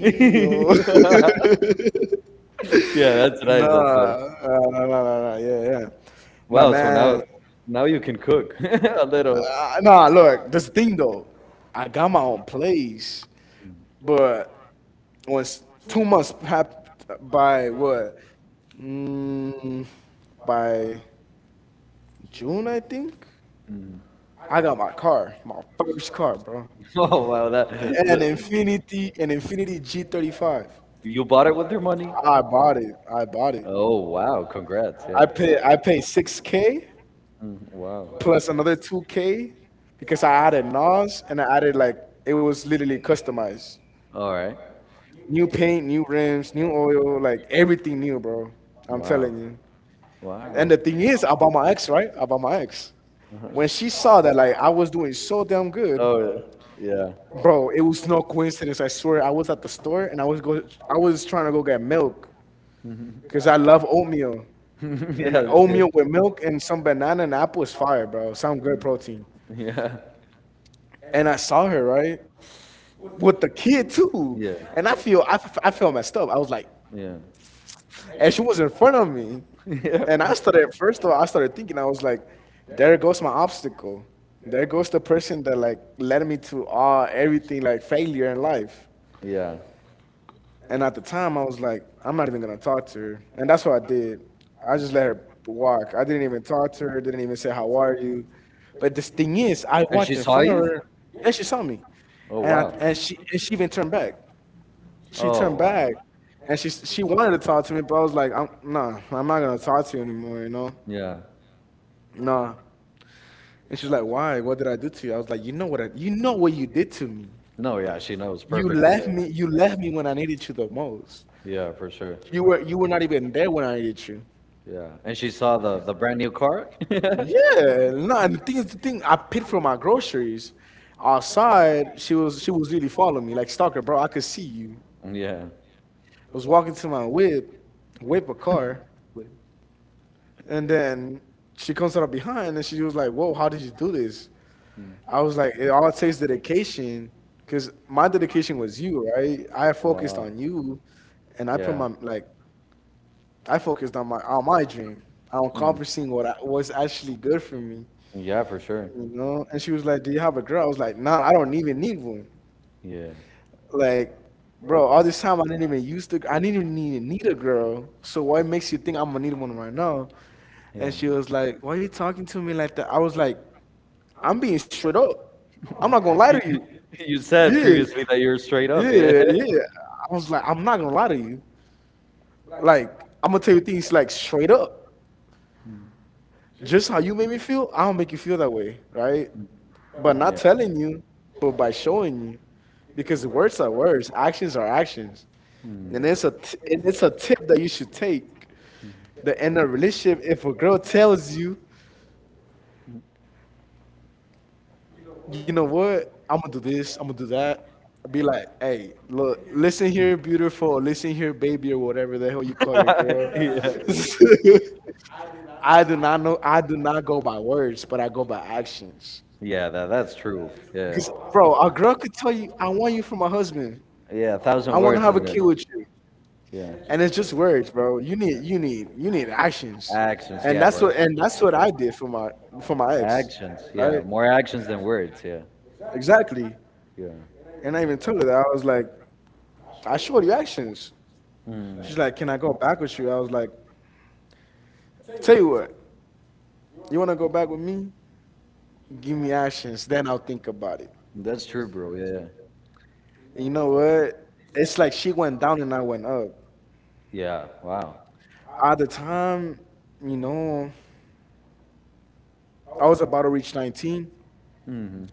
Yeah. Yeah. Yeah. That's
No,
nice. That's nice.
no, no, no, no, yeah, yeah. But
Wow. So now,
man,
you can cook a little.
nah, look, this thing though, I got my own place, but once 2 months passed by, what, mm, by June, I think,
Mm.
I got my car, my first car, bro,
Oh wow.
An Infinity G35.
You bought it with your money.
I bought it. I bought it.
Oh wow. Congrats. Yeah.
I paid 6K
Mm, wow.
plus another 2K because I added Nas and I added, like, it was literally customized.
All right.
New paint, new rims, new oil, like everything new, bro. I'm
Wow.
telling you.
Wow.
And the thing is about my ex, right? About my ex. When she saw that like I was doing so damn good,
Oh, yeah.
bro, it was no coincidence. I swear I was at the store and I was trying to go get milk
Mhm.
because I love oatmeal. And
Yeah, that's good.
oatmeal with milk and some banana and apple is fire, bro. Some good protein.
Yeah.
And I saw her, right? With the kid too.
Yeah.
And I feel I felt messed up. I was like,
Yeah.
and she was in front of me,
Yeah.
and I started first of all, I started thinking. I was like, "There goes my obstacle. There goes the person that like led me to all everything, like failure in life."
Yeah.
And at the time I was like, "I'm not even gonna talk to her." And that's what I did. I just let her walk. I didn't even talk to her. Didn't even say how are you. But this thing is, I
And she
walked in
saw
front of
you?
her. Yeah, she saw me,
Oh,
and I,
wow.
and she even turned back. She turned
Oh, wow.
back and she wanted to talk to me, but I was like, "I'm, nah, I'm not gonna talk to you anymore, you know?
Yeah.
Nah." And she's like, "Why? What did I do to you?" I was like, "You know what? I, you know what you did to me.
No, yeah, she knows
You
perfectly.
left
Yeah.
me. You left me when I needed you the most.
Yeah, for sure.
You were not even there when I needed you."
Yeah. And she saw the brand new car?
Yeah, no. And the thing is, the thing I paid for my groceries. Outside, she was really following me like stalker, bro. I could see you.
Yeah.
I was walking to my whip, whip a car. And then she comes out of behind and she was like, "Whoa, how did you do this?"
Yeah.
I was like, "It all takes dedication, because my dedication was you, right? I focused
Wow.
on you and I put
Yeah.
like, I focused on my dream, on
Mm.
accomplishing what I, was actually good for me,
Yeah, for sure.
you know?" And she was like, "Do you have a girl?" I was like, "Nah, I don't even need one.
Yeah.
Like, bro, all this time I didn't even use the, I didn't even need a girl. So why makes you think I'm gonna need one right now?"
Yeah.
And she was like, "Why are you talking to me like that?" I was like, "I'm being straight up. I'm not gonna lie
You,
to you."
you said
Yeah,
previously that you're straight up. Yeah.
yeah, yeah. I was like, "I'm not gonna lie to you. Like, I'm gonna tell you things like straight up. Just how you made me feel, I'll make you feel that way, right? But not
Yeah.
telling you, but by showing you, because words are words, actions are actions,
Hmm.
and and it's a tip that you should take. That in a relationship, if a girl tells you, you know what, I'm gonna do this, I'm gonna do that, be like, hey, look, listen here, beautiful. Listen here, baby," or whatever the hell you call your girl.
Yeah,
I do not know. "I do not go by words, but I go by actions.
yeah that's true. Yeah.
Because, bro, a girl could tell you, 'I want you for my husband.
Yeah, a thousand
I want to
words
have
in
a
there.
kid with you,'
Yeah.
and it's just words, bro. You need,
Yeah.
you need, you need actions,"
Actions, yeah, bro.
and that's what I did for for my ex,
Actions, yeah.
right?
More actions than words, yeah.
Exactly.
Yeah.
And I even told her that. I was like, "I showed you actions."
Hmm.
She's like, "Can I go back with you?" I was like, "Tell you what, you wanna go back with me? Give me actions, then I'll think about it."
That's true, bro. Yeah.
You know what? It's like she went down and I went up.
Yeah. Wow.
At the time, you know, I was about to reach 19.
Hmm.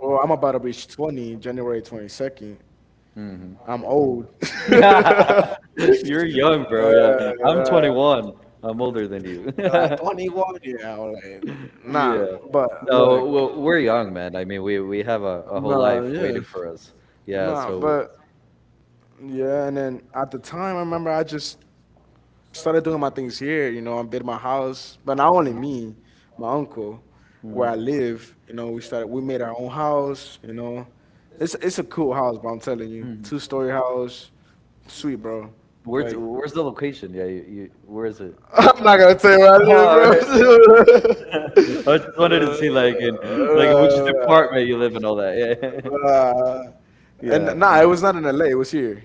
Well, I'm about to reach 20, January 22nd.
Hmm.
I'm old.
You're young,
Uh,
bro. Yeah. I'm
uh,
21. I'm older than you.
like 21, yeah. I was like, nah,
Yeah.
but
No, well,
look,
we're young, man. I mean, we have a whole
nah,
life
yeah,
waiting for us. Yeah.
nah,
So,
but yeah. And then at the time, I remember I just started doing my things here. You know, I built my house, but not only me, my uncle, where I
mm,
live. You know, we started, we made our own house. You know, it's a cool house, but I'm telling you,
mm,
two-story house, sweet, bro.
where's
Like,
where's the location? Yeah. You where is it?
I'm not gonna tell you where I
Oh, right.
live,
I
bro.
just wanted to see like in which
Uh,
department you live and all that. Yeah.
uh, and
Yeah.
nah, it was not in LA. It was here.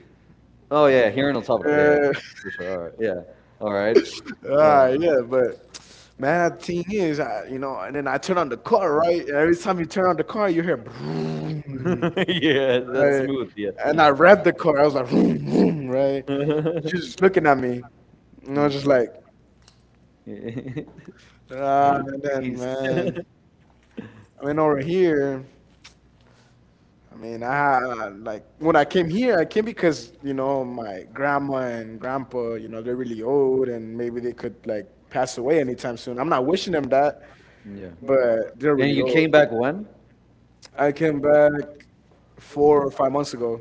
Oh yeah, here in El Salvador. Yeah,
Yeah.
yeah, for sure. All right. Yeah. All right.
All right, yeah, but man, the thing is, I, you know, and then I turn on the car, right? And every time you turn on the car, you hear vroom,
Yeah, that's
right?
smooth. Yeah.
And I revved the car. I was like, vroom, vroom, right? She's just looking at me, and I was just
Mm.
like, ah, and then,
Peace.
man, I mean, over here, I mean, I had like when I came here, I came because you know my grandma and grandpa, you know, they're really old, and maybe they could like pass away anytime soon. I'm not wishing them that,
Yeah.
but they're
And
really
you
old.
came back when?
I came back 4 or 5 months ago.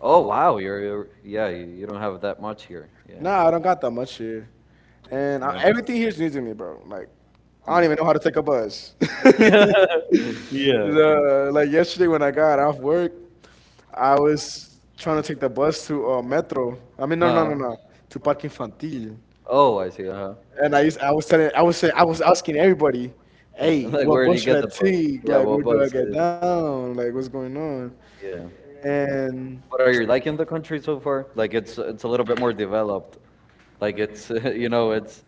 Oh wow, you're yeah, you don't have that much here. Yeah.
Nah, I don't got that much here, and I,
Well.
everything here's new to me, bro. Like, I don't even know how to take a bus.
yeah. Yeah.
Like, yesterday when I got off work, I was trying to take the bus to, Metro. I mean, no, no,
Uh.
no, no, to Parque Infantil.
Oh, I see. Uh-huh.
And I was asking everybody,
Yeah.
hey,
Like
what
where do
bus
you
should
get
I
the bus?
take?
Yeah,
Like,
well,
where do I
bus.
get
Yeah.
down? Like, what's going on?
Yeah.
And
But are you liking the country so far? Like it's a little bit more developed. Like it's it's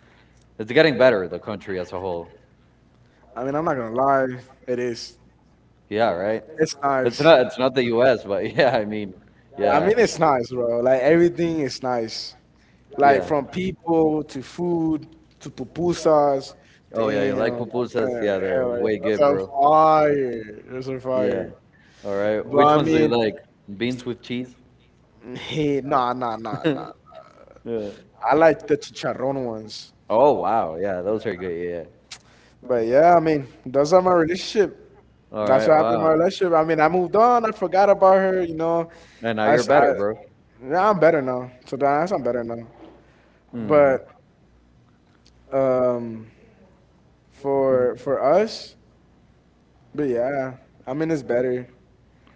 it's getting better the country as a whole.
I mean, I'm not gonna lie. It is.
Yeah, right?
It's
It's
nice.
not it's not the US, but yeah, I mean,
I
yeah.
mean, it's nice, bro. Like, everything is nice. Like,
Yeah.
from people to food to pupusas.
Oh yeah, you
Damn,
like
I'm
pupusas?
saying,
Yeah, they're
hell, yeah,
way
that's
good,
a
bro.
fire. That's a
Yeah.
fire.
All right.
But
Which
I
ones do you
mean,
like? Beans with cheese?
hey, nah, nah, nah, nah.
yeah.
I like the chicharron ones.
Oh wow. Yeah, those are good. Yeah.
But yeah, I mean, those are my relationship.
All
That's
right.
what happened in my
Wow.
relationship. I mean, I moved on. I forgot about her. You know,
And now
I,
you're
s-
better,
I-
bro.
yeah, I'm better now. To be honest, I'm better now.
Hmm.
But um, for us, but yeah, I mean, it's better.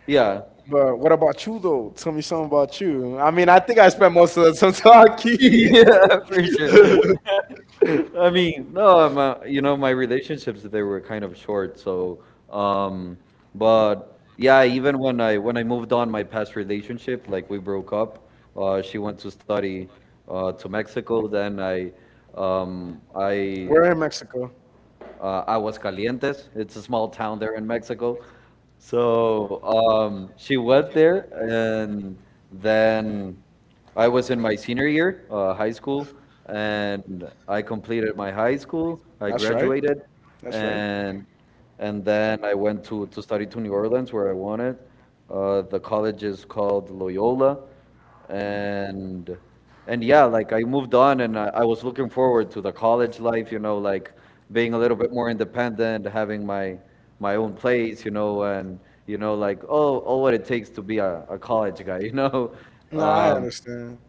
Yeah.
But what about you though? Tell me something about you. I mean, I think I spent most of the time talking.
yeah, for sure. I mean, no, I'm, you know, my relationships they were kind of short, so um but yeah, even when I moved on my past relationship, like we broke up, she went to study to Mexico, then I um I
We're in Mexico.
uh, Aguascalientes. It's a small town there in Mexico. So she went there, and then I was in my senior year, high school, and I completed my high school. I graduated, and then I went to study to New Orleans where I wanted. The college is called Loyola, and yeah, like I moved on and I was looking forward to the college life, you know, like being a little bit more independent, having my own place, you know, and you know, like what it takes to be a college guy, you know.
No, I
um
understand.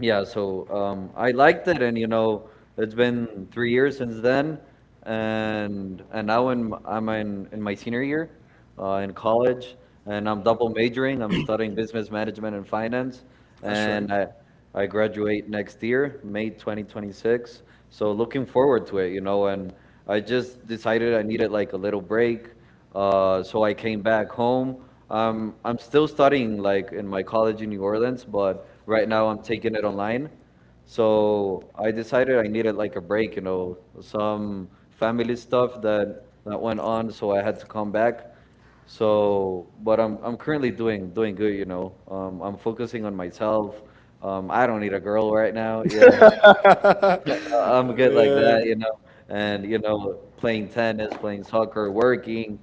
yeah, so I liked it, and you know, it's been 3 years since then, and now in, I'm in my senior year, in college, and I'm double majoring. I'm studying business management and finance,
That's right.
and I graduate next year, May 2026. So looking forward to it, you know, and I just decided I needed like a little break. So I came back home. I'm still studying like in my college in New Orleans, but right now I'm taking it online. So I decided I needed like a break, you know, some family stuff that went on, so I had to come back. So, but I'm currently doing good, you know. I'm focusing on myself. I don't need a girl right now. Yeah.
Yeah.
I'm good like that, you know. And you know, playing tennis, playing soccer, working.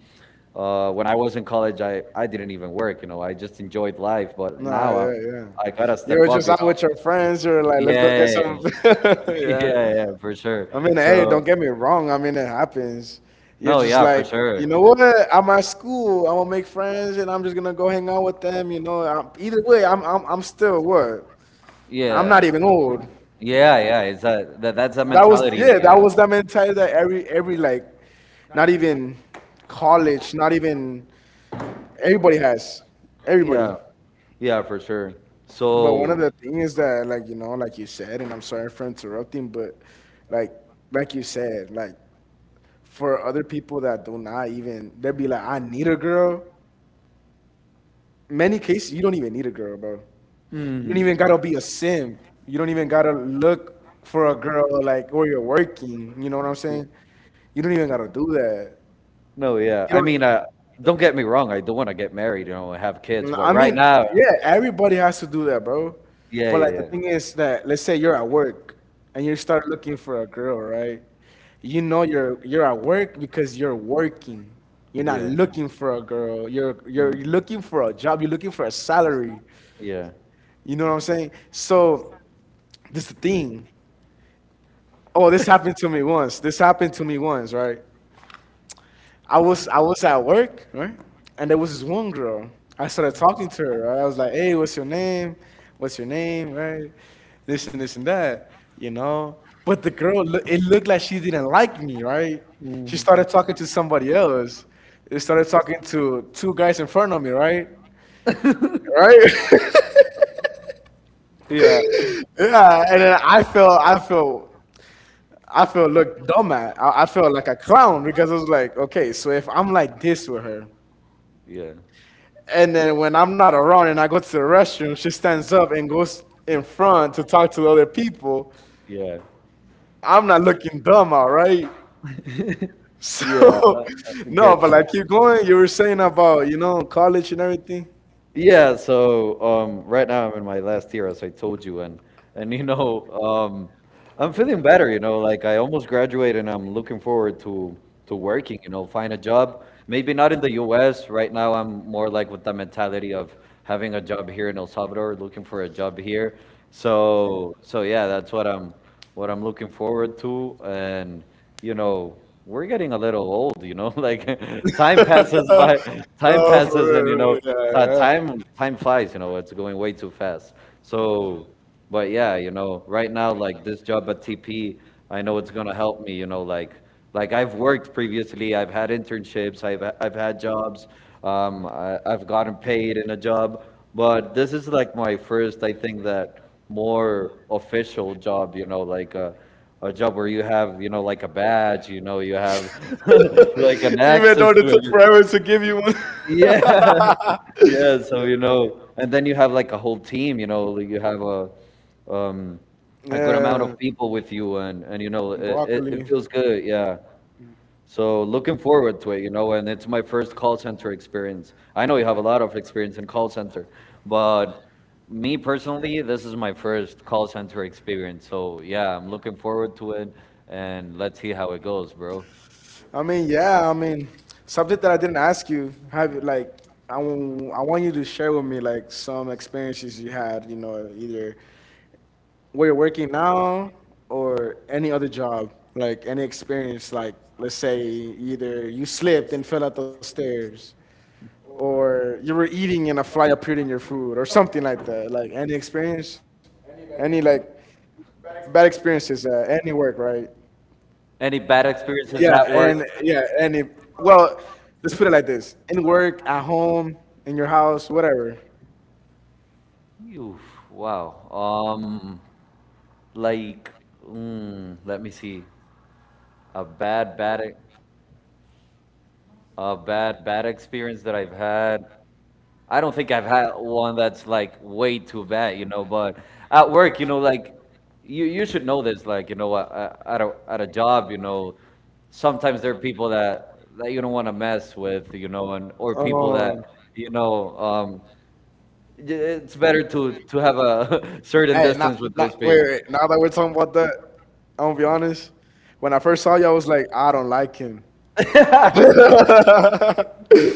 When I was in college, I didn't even work, you know. I just enjoyed life. But
Nah,
now I
yeah, yeah.
I gotta
You
step
were
up,
just
you
out
know.
with your friends. You were like, let's go get
Yeah,
some.
yeah,
Yeah.
yeah, for sure.
I mean, hey,
So
don't get me wrong. I mean, it happens. You're
no,
just
yeah, for
like, you know
sure.
what? I'm at school. I'm gonna make friends, and I'm just gonna go hang out with them. You know, I either way, I'm still what? I'm not
Yeah,
even old.
yeah, yeah. It's that, that's that
That was
mentality that
yeah.
you
That
have.
was that mentality that every like, not even college, not even everybody has everybody.
Yeah, yeah, for sure.
But one of
So,
the things that, like, you know, like you said, and I'm sorry for interrupting, but like like you said, like for other people that do not even, they'd be like, I need a girl. In many cases you don't even need a girl, bro. You don't
mm,
even gotta be a sim. You don't even gotta look for a girl, like, or you're working. You know what I'm saying? You don't even gotta do that. No,
no,
it,
yeah. I mean,
you
don't
don't.
get me wrong. I do not want to get married, you know, and have kids. But
I
right
mean,
now.
yeah, everybody has to do that, bro.
Yeah,
But like the
yeah,
thing is that, let's say you're at work and you start looking for a girl, right? You know, you're at work because you're working. You're not looking for a girl. You're
yeah,
you're looking for a job. You're looking for a salary.
yeah,
You know what I'm saying? So this is the thing. Oh, this happened to me once. This happened to me once, right? I was at work, right? And there was this one girl. I started talking to her, right? I was like, hey, what's your name? What's your name, right? This and this and that, you know? But the girl, it looked like she didn't like me, right? She
Mm.
started talking to somebody else. They started talking to two guys in front of me, right? Right?
yeah,
Yeah, and then I felt looked dumb at. I felt like a clown because I was like, okay, so if I'm like this with her,
yeah,
and then when I'm not around and I go to the restroom, she stands up and goes in front to talk to other people.
yeah,
I'm not looking dumb, all right?
yeah.
So,
I
no,
get
but
you.
like, keep going. You were saying about, you know, college and everything.
Yeah, so right now I'm in my last year, as I told you, and you know, I'm feeling better. You know, like I almost graduated, and I'm looking forward to working. You know, find a job. Maybe not in the U.S. Right now, I'm more like with the mentality of having a job here in El Salvador, looking for a job here. So yeah, that's what I'm looking forward to, and you know, we're getting a little old, you know, like time passes by, time
No, for
passes and, you know,
real. Yeah, yeah.
time, time flies, you know, it's going way too fast. So, but yeah, you know, right now, like this job at TP, I know it's gonna help me, you know, like I've worked previously, I've had internships, I've had jobs, I've gotten paid in a job, but this is like my first, I think that more official job, you know, like a job where you have, you know, like a badge, you know, you have like an
Even
access
though
to
it took
everything.
forever to give you one.
Yeah, yeah. So you know, and then you have like a whole team, you know, like you have um a good amount
Yeah,
of people with you, and you know
broccoli.
it feels good, yeah. So looking forward to it, you know, and it's my first call center experience. I know you have a lot of experience in call center, but me personally, this is my first call center experience. So yeah, I'm looking forward to it, and let's see how it goes, bro.
I mean, yeah, I mean, something that I didn't ask you. Have you, like, I want you to share with me like some experiences you had, you know, either where you're working now or any other job, like any experience, like, let's say either you slipped and fell out the stairs or you were eating and a fly appeared in your food or something like that. Like any experience? Any like bad experiences at any work, right?
Any bad experiences
Yeah,
at work?
and yeah, and if, well, let's put it like this: in work, at home, in your house, whatever.
Oof, wow. Like, let me see. A bad, bad experience that I've had. I don't think I've had one that's like way too bad, you know. But at work, you know, like you should know this, like you know, at a job, you know, sometimes there are people that you don't want to mess with, you know, and or people that
Um,
you know, it's better to have a certain
Hey, now,
distance with
now,
those
wait,
people.
wait. Now that we're talking about that, I'm gonna be honest. When I first saw you, I was like, I don't like him. Nah,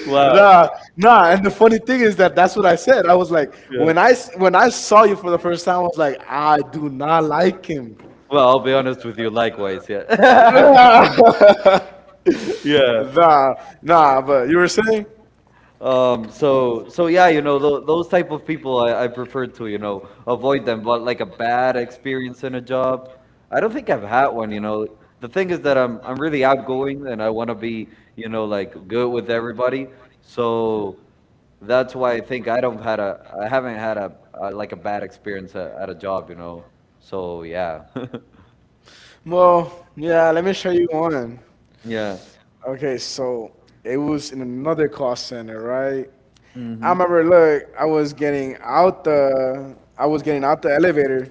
wow.
nah. And the funny thing is that that's what I said. I was like,
Yeah.
when I saw you for the first time, I was like, I do not like him.
Well, I'll be honest with you. Likewise. Yeah.
Nah,
yeah.
nah. But you were saying,
So yeah, you know, those type of people I prefer to, you know, avoid them. But like a bad experience in a job, I don't think I've had one, you know. The thing is that I'm really outgoing and I want to be, you know, like good with everybody. So that's why I think I don't had a, I haven't had a like a bad experience at a job, you know. So yeah.
well, yeah. Let me show you one.
Yeah.
Okay, so it was in another call center, right? I
Mm-hmm.
remember, look, I was getting out the elevator,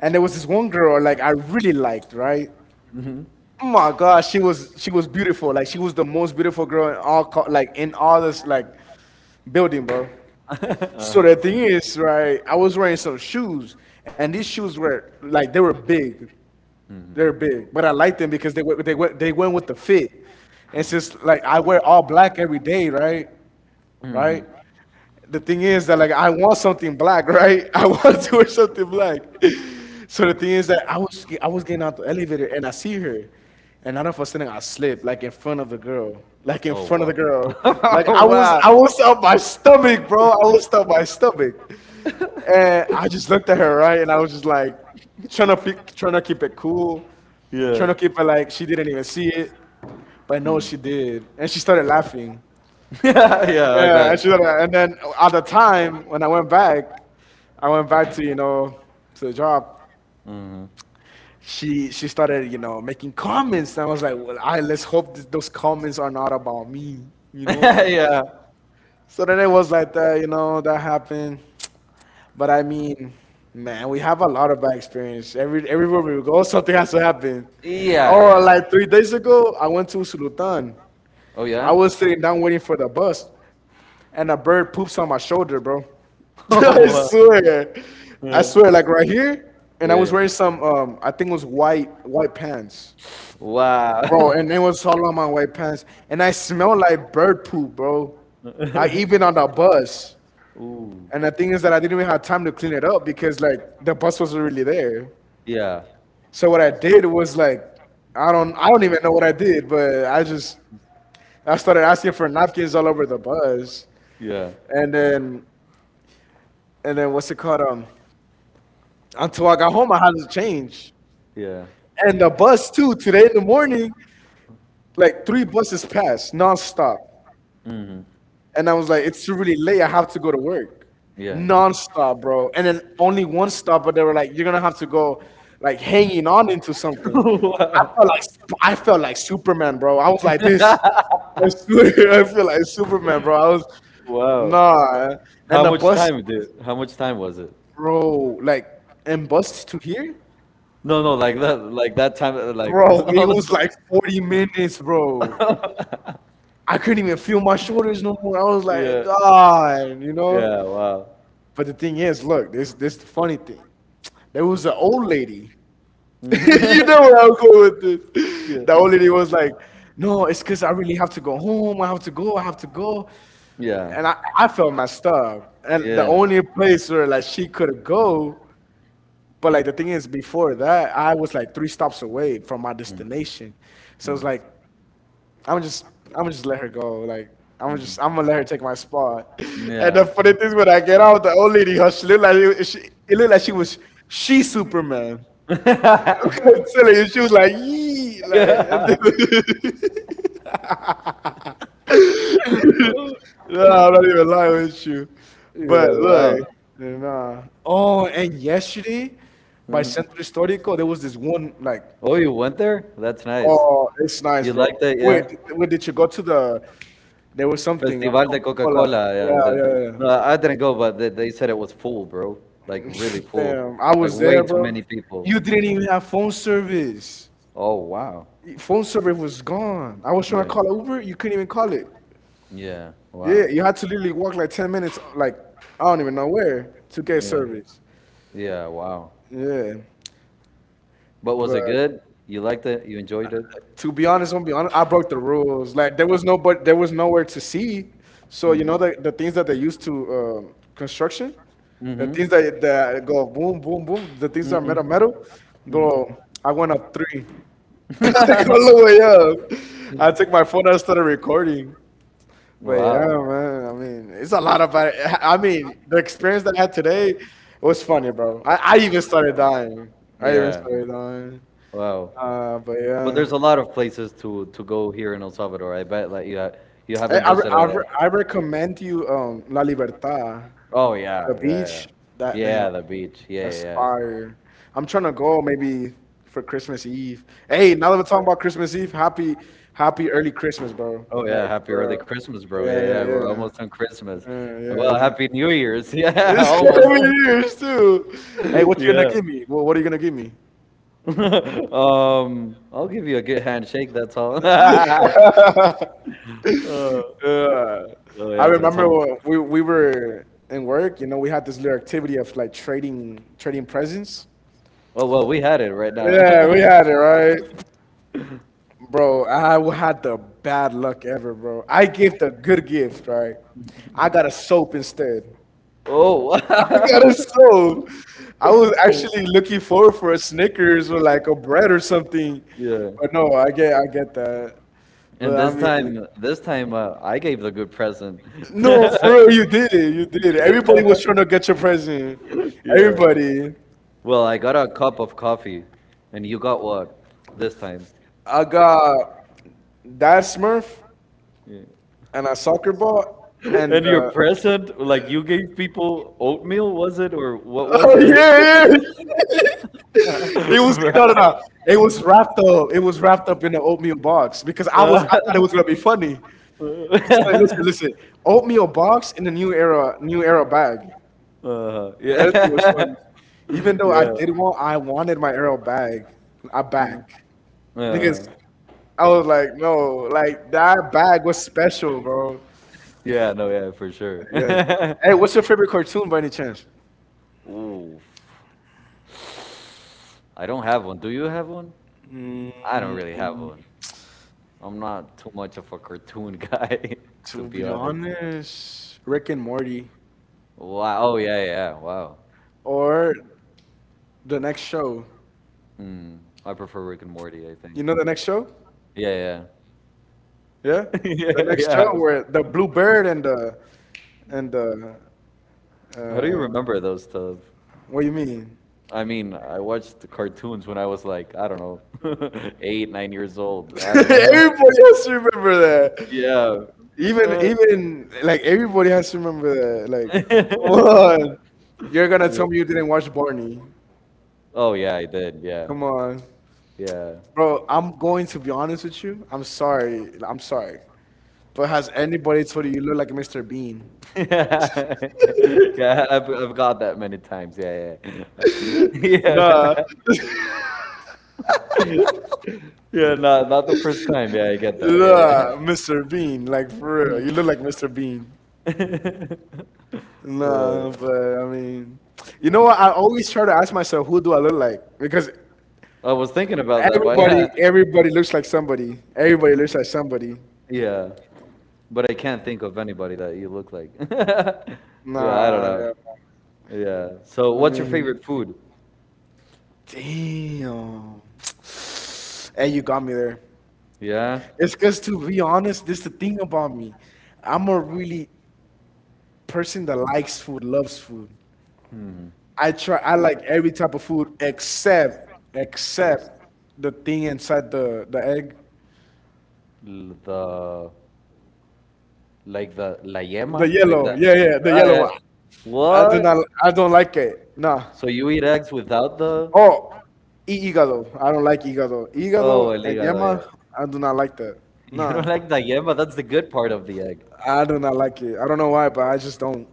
and there was this one girl, like I really liked, right?
Mm-hmm.
Oh my gosh, she was beautiful, like she was the most beautiful girl in all, like in all this like building, bro. So the thing is, right? I was wearing some shoes, and these shoes were like they were big. They're big, but I like them because they went with the fit. And since like I wear all black every day, right? Right?
Mm-hmm.
The thing is that like I want something black, right? I want to wear something black. So the thing is that I was getting out the elevator and I see her, and out of a sudden I slip like in front of the girl, like in front of
Oh.
the girl, like I was
Wow.
I was up my stomach, bro. I was up my stomach, and I just looked at her right, and I was just like trying to keep it cool,
Yeah.
trying to keep it like she didn't even see it, but no, she did, and she started laughing.
Yeah, yeah, I
Yeah,
bet.
and she said... And then at the time when I went back to, you know, to the job.
Hmm
She started, you know, making comments, and I was like, well, I, let's hope that those comments are not about me, you know.
yeah.
So then it was like that, you know, that happened. But I mean, man, we have a lot of bad experience. Every everywhere we go, something has to happen. Yeah.
Yeah,
Or
yeah.
like 3 days ago, I went to Sulutan.
Oh,
I
yeah?
was sitting down waiting for the bus, and a bird poops on my shoulder, bro.
Oh,
I
wow.
swear, I
Yeah.
swear, like right here, and I was wearing
Yeah.
some, I think it was white pants,
Wow.
bro, and it was all on my white pants, and I smelled like bird poop, bro, like even on the bus.
Ooh.
And the thing is that I didn't even have time to clean it up because like the bus wasn't really there.
Yeah.
So what I did was like, I don't even know what I did, but I just, I started asking for napkins all over the bus,
Yeah.
and then, and then what's it called? Until I got home, I had to change.
Yeah.
And the bus too today in the morning, like three buses passed nonstop,
hmm
and I was like, it's really late, I have to go to work,
Yeah.
nonstop, bro. And then only one stop, but they were like, you're gonna have to go like hanging on into something. I felt
wow.
like, I felt like Superman, bro. I was like this, I swear. I feel like Superman, bro. I was,
Wow.
nah. And
How
the
much
bus,
time, dude? How much time was it?
bro, like, and bus to here,
No, no, like that time, like
bro, it
all the
was
time.
like 40 minutes, bro. I couldn't even feel my shoulders no more. I was like,
Yeah.
God, you know.
Yeah. Wow.
But the thing is, look, this the funny thing. There was an old lady. You
Mhm.
know where I'm going with this.
yeah.
The old lady was like, no, it's because I really have to go home. I have to go. I have to go.
Yeah,
And I felt messed up. And the
yeah,
only place where like she could go, but like the thing is, before that, I was like three stops away from my destination. So it's like I'm just I'm just, let her go. Like I'm gonna let her take my spot. And the
yeah.
funny thing is when I get out, the old lady, her, she looked like it, she, it looked like she was, she Superman. Silly, and she was like, yee, like.
yeah.
No, I'm not even lying with you. But
Yeah, wow.
look, nah. Oh, and yesterday by Centro Histórico, there was this one, like,
Oh, you went there? That's nice.
oh, it's nice,
You
bro.
liked it,
Wait,
yeah?
wait, did you go to the... there was something of
Festival de
Coca-Cola.
Coca-Cola. Yeah,
Yeah,
the, no,
yeah,
I didn't go, but they said it was full, bro.
yeah.
Like really full.
Damn, I
Like
was
way
there,
too
bro.
many people.
You didn't even have phone service.
Oh, wow.
Phone service was gone. I was trying to
Yeah.
call Uber. You couldn't even call it.
Yeah, wow.
Yeah, you had to literally walk like 10 minutes, like I don't even know where, to get
Yeah.
service.
Yeah, wow.
Yeah,
But was it
but
good? You liked it? You enjoyed it?
to be honest, I'm gonna be honest. I broke the rules. Like there was no, but there was nowhere to see. So you know the things that they used to construction, the
Mm-hmm.
things that go boom, boom, boom. The things that are metal,
Mm-hmm.
metal. Bro, I went up three, like all the way up. I took my phone and I started recording. But yeah,
Wow.
man. I mean, it's a lot about it. I mean, the experience that I had today was funny, bro. I even started dying. I even
Yeah.
started dying.
Wow.
But
But
yeah.
there's a lot of places to go here in El Salvador. I bet that you you
I,
haven't
I, re-
visited.
I, re- I recommend you La Libertad,
Oh yeah,
the
yeah, yeah,
beach. That damn,
yeah. The beach. Yeah, yeah.
that's
Yeah.
fire. I'm trying to go maybe for Christmas Eve. Hey, now that we're talking about Christmas Eve, happy early Christmas, bro.
Oh
Like
yeah. Happy
for
early
real.
Christmas, bro. Yeah,
Yeah, yeah,
yeah. We're
yeah.
almost on Christmas.
Yeah,
Well,
yeah, yeah.
Happy New Year's. Yeah,
It's
almost.
7 years too. Hey, what you gonna
yeah.
give me? What are you gonna give me?
I'll give you a good handshake. That's all. Oh
Uh, I
yeah, but it's
remember
almost.
when we were in work, we had this little activity of like trading presents.
Oh well, we had it right now.
Yeah, we had it, right? Bro, I had the bad luck ever, bro. I gave the good gift, right? I got a soap instead. I
oh.
got a soap. I was actually looking forward for a Snickers or like a bread or something.
yeah.
But no, I get that. But
And
I mean,
this time, I gave the good present.
no, for real, you did it. You did it. Everybody was trying to get your present.
Yeah.
Everybody.
Well, I got a cup of coffee, and you got what this time?
I got that Smurf
Yeah.
and a soccer ball and
And your present, like you gave people oatmeal, was it, or what was
oh yeah, yeah.
it?
It was no, no, no.
Right.
It was wrapped up. It was wrapped up in an oatmeal box because I was I
Uh,
thought it was gonna be funny. It's like, listen, listen. Oatmeal box in the New Era bag. That thing was
yeah.
funny. Even though I
Yeah.
did want, I wanted my era bag, I back.
Uh,
Because I was like, no, like that bag was special, bro.
yeah, no, yeah, for sure.
Yeah. Hey, what's your favorite cartoon by any chance?
Ooh. I don't have one. Do you have one?
Mm,
I don't really have one. I'm not too much of a cartoon guy, to
to
be
be
honest.
honest, Rick and Morty
Wow. Oh, yeah, yeah. Yeah. Wow.
or the next show.
Hmm. I prefer Rick and Morty, I think.
You know the next show?
Yeah, yeah.
Yeah, the
Yeah,
next show
yeah.
where the blue bird and the
How do you
uh,
remember those stuff?
what do you mean?
I mean, I watched the cartoons when I was like, I don't know, eight, 9 years old. I don't.
Everybody has to remember that.
Yeah.
Even like everybody has to remember that. Like, come on. You're gonna tell me you didn't watch Barney.
Oh yeah, I did. Yeah,
Come on.
yeah.
Bro, I'm going to be honest with you. I'm sorry. I'm sorry. But has anybody told you you look like Mr. Bean?
Yeah, I've got that many times. Yeah, yeah.
Nah.
Yeah. Yeah, not not the first time. Yeah, I get that. Yeah.
Nah, Mr. Bean. Like for real. You look like Mr. Bean.
Well,
Nah, but I mean you know what? I always try to ask myself who do I look like? Because
I was thinking
thing.
about that, but
Everybody,
yeah.
everybody looks like somebody. Everybody looks like somebody.
Yeah. But I can't think of anybody that you look like. Yeah, I don't
Nah,
know.
yeah,
Yeah. So
I
what's your
mean,
favorite food?
damn. Hey, you got me there.
Yeah.
It's because to be honest, this is the thing about me. I'm a really person that likes food, loves food. I try. I like every type of food except the thing inside the egg,
L- the like the la yema,
the
like
yellow.
that.
Yeah, yeah, the
Ah,
yellow
yeah.
one. I do what?
What?
Not. I don't like it. Nah.
So you eat eggs without the
Oh, hígado. I don't like hígado.
oh
Hígado
el
and
hígado, yeah.
yema, I do not like that.
You
Nah,
don't like the yema, that's the good part of the egg.
I do not like it. I don't know why, but I just don't.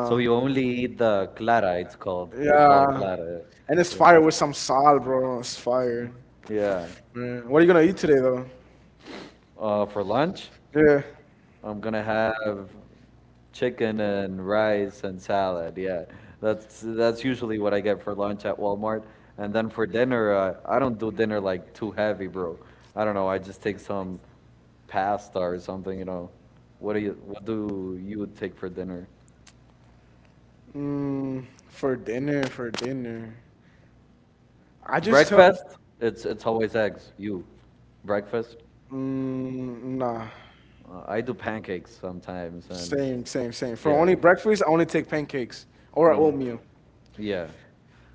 So you only eat the clara, it's called. We call it
Yeah.
clara.
And it's
Yeah.
fire with some salt, bro. It's fire.
Yeah.
Man. What are you gonna eat today, though?
For lunch?
Yeah.
I'm gonna have chicken and rice and salad. Yeah, that's usually what I get for lunch at Walmart. And then for dinner, I don't do dinner like too heavy, bro. I don't know. I just take some pasta or something. You know, what do you take for dinner?
For dinner. I just tell.
Breakfast? It's always eggs. Breakfast?
Mm, nah.
I do pancakes sometimes, and
Same, same, same. For
yeah,
only breakfast, I only take pancakes or
yeah,
oatmeal.
yeah.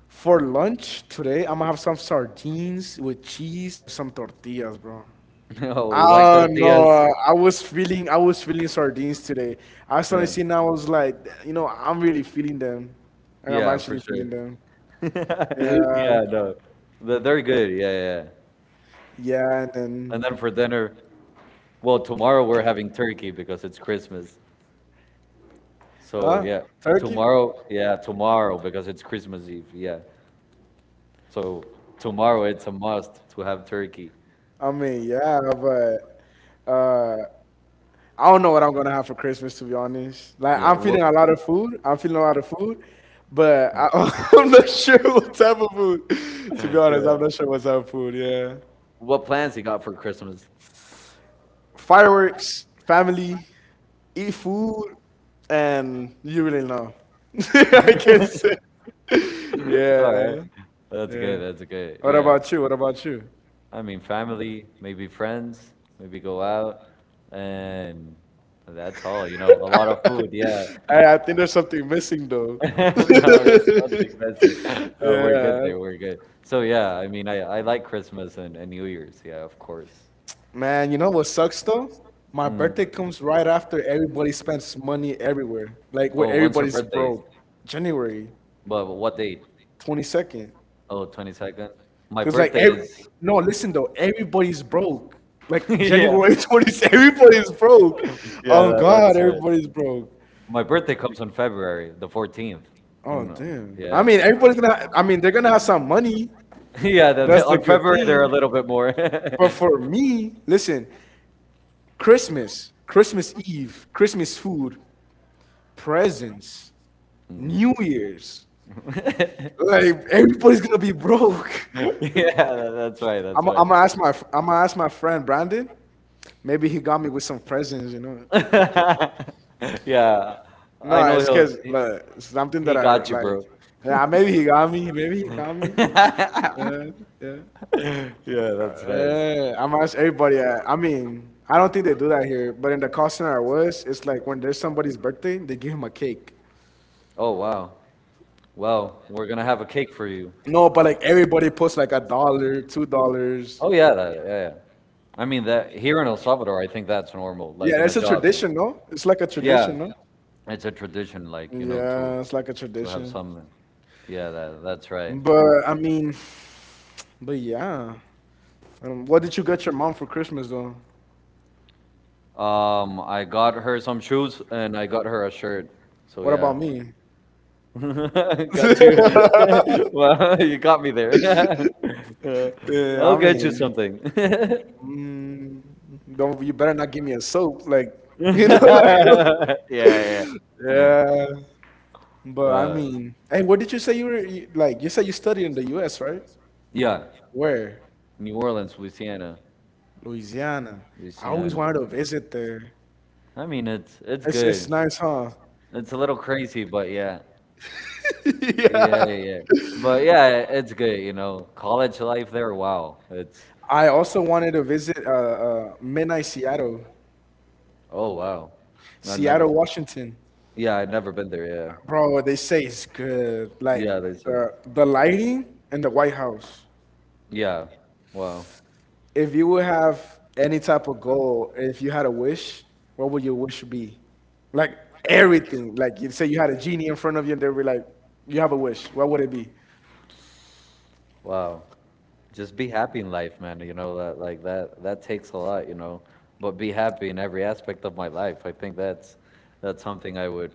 For lunch today, I'm gonna have some sardines with cheese and some tortillas, bro.
Oh, you like
I don't know.
tortillas?
I was feeling sardines today. I started
Yeah.
seeing, I was like, I'm really feeling them. Like, I'm
Yeah, for
actually
sure.
feeling them. Yeah,
Yeah, no. They're good. Yeah, yeah. Yeah.
yeah, and then,
And then for dinner, well, tomorrow we're having turkey because it's Christmas. So,
huh?
yeah.
Turkey?
Tomorrow, yeah, tomorrow because it's Christmas Eve. Yeah. So, tomorrow it's a must to have turkey.
I mean, yeah, but uh, I don't know what I'm gonna have for Christmas to be honest. Like
Yeah.
I'm
What,
feeling a lot of food. I'm feeling a lot of food, but I, I'm not sure what type of food. To be honest,
yeah.
I'm not sure what type of food. Yeah,
What plans you got for Christmas?
fireworks, family, eat food, and you really know. I can say. Yeah,
All right. That's good.
yeah.
That's good.
What about you? What about you?
I mean, family, maybe friends, maybe go out, and that's all. You know, a lot of food. Yeah.
I, I think there's something missing though.
no, there's nothing messy. No, we're good
Yeah.
there. We're good. So yeah, I mean, I like Christmas and New Year's. Yeah, of course.
Man, you know what sucks though? My birthday comes right after everybody spends money everywhere, like where everybody's broke. January
But what date?
22nd.
Oh, 22nd. My
Cause like
birthday
every,
is.
no, listen though, everybody's broke. Like January 20th, everybody's broke.
Yeah,
Oh
that,
God,
that's
everybody's broke.
my birthday comes on February the 14th. I
Oh
don't know.
damn. I
Yeah,
mean, everybody's gonna. I mean, they're gonna have some money.
yeah. The,
That's
the-
the
on
good
February
thing.
they're a little bit more.
But
yeah,
for me, listen, Christmas, Christmas Eve, Christmas food, presents, New Year's.
tha-
Like everybody's gonna be broke. Yeah.
that's right. That's
I'm gonna ask my friend Brandon. Maybe he got me with some presents, you know.
Yeah, I
No,
know
it's cause like, something
he
that I
got you,
like.
bro.
Yeah, maybe he got me. Maybe he got me. Yeah, yeah.
Yeah, that's nice.
Yeah, I'm gonna ask everybody. I mean, I don't think they do that here, but in the call center I was, it's like when there's somebody's birthday, they give him a cake.
Oh wow. Well, we're gonna have a cake for you.
No, but like everybody puts like a dollar, $2.
Oh
Oh
yeah,
yeah.
yeah, yeah. I mean that here in El Salvador, I think that's normal, like
Yeah,
in a
it's a
job.
tradition, no? It's like a yeah,
Yeah,
tradition, no?
it's a tradition, like you know, to
Yeah, it's like a
to have
tradition.
something. Yeah, that's right.
But I mean, but yeah. What did you get your mom for Christmas though?
I got her some shoes and I got her a shirt. So
What
yeah.
about me?
Got you. Wow, you got me there. Uh,
Yeah,
I'll
I
get you
mean,
something.
mm, don't you better not give me a soap, like you know, like
Yeah, yeah.
yeah. But I
Uh,
mean, hey, what did you say you were you, like? You said you studied in the U.S., right?
yeah,
Where?
New Orleans,
Louisiana. I always
Louisiana.
wanted to visit there.
I mean, it's
It's
good.
nice, huh?
It's a little crazy, but yeah, yeah,
Yeah.
yeah. Yeah. But yeah, it's good. You know, college life there. Wow, it's
I also wanted to visit Midnight Seattle,
oh wow. I've never.
Seattle, Washington.
Yeah, I've never been there. Yeah,
Bro, what they say it's good. Like
yeah, they said.
the lighting and the White House.
Yeah, wow,
If you would have any type of goal, if you had a wish, what would your wish be? Like everything. Like you say you had a genie in front of you, and they'd be like, "You have a wish. What would it be?"
wow. Just be happy in life, man. You know that like that takes a lot, you know. But be happy in every aspect of my life. I think that's something I would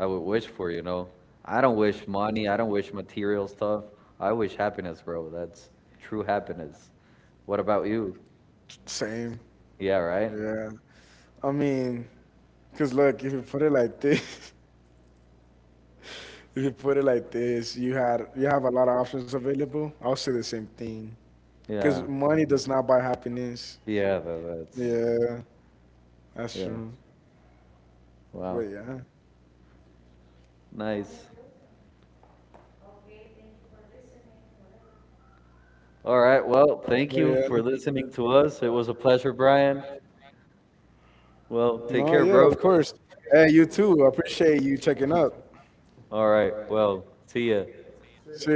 I would wish for, you know. I don't wish money, I don't wish material stuff. I wish happiness, bro. That's true happiness. What about you?
Same.
Yeah, right?
Yeah. I mean, cause look, if you put it like this, if you put it like this, you have a lot of options available. I'll say the same thing. Yeah, cause right.
Yeah.
Money does not buy happiness.
Yeah, that's
Yeah, that's
yeah.
true. But
Wow.
yeah.
Nice. All right. Well,
But
thank
yeah.
you for listening to us. It was a pleasure, Brian. Well,
No,
take
yeah,
care,
of
bro.
course. Hey, you too. I appreciate you checking up.
All right, well, see ya.
See ya.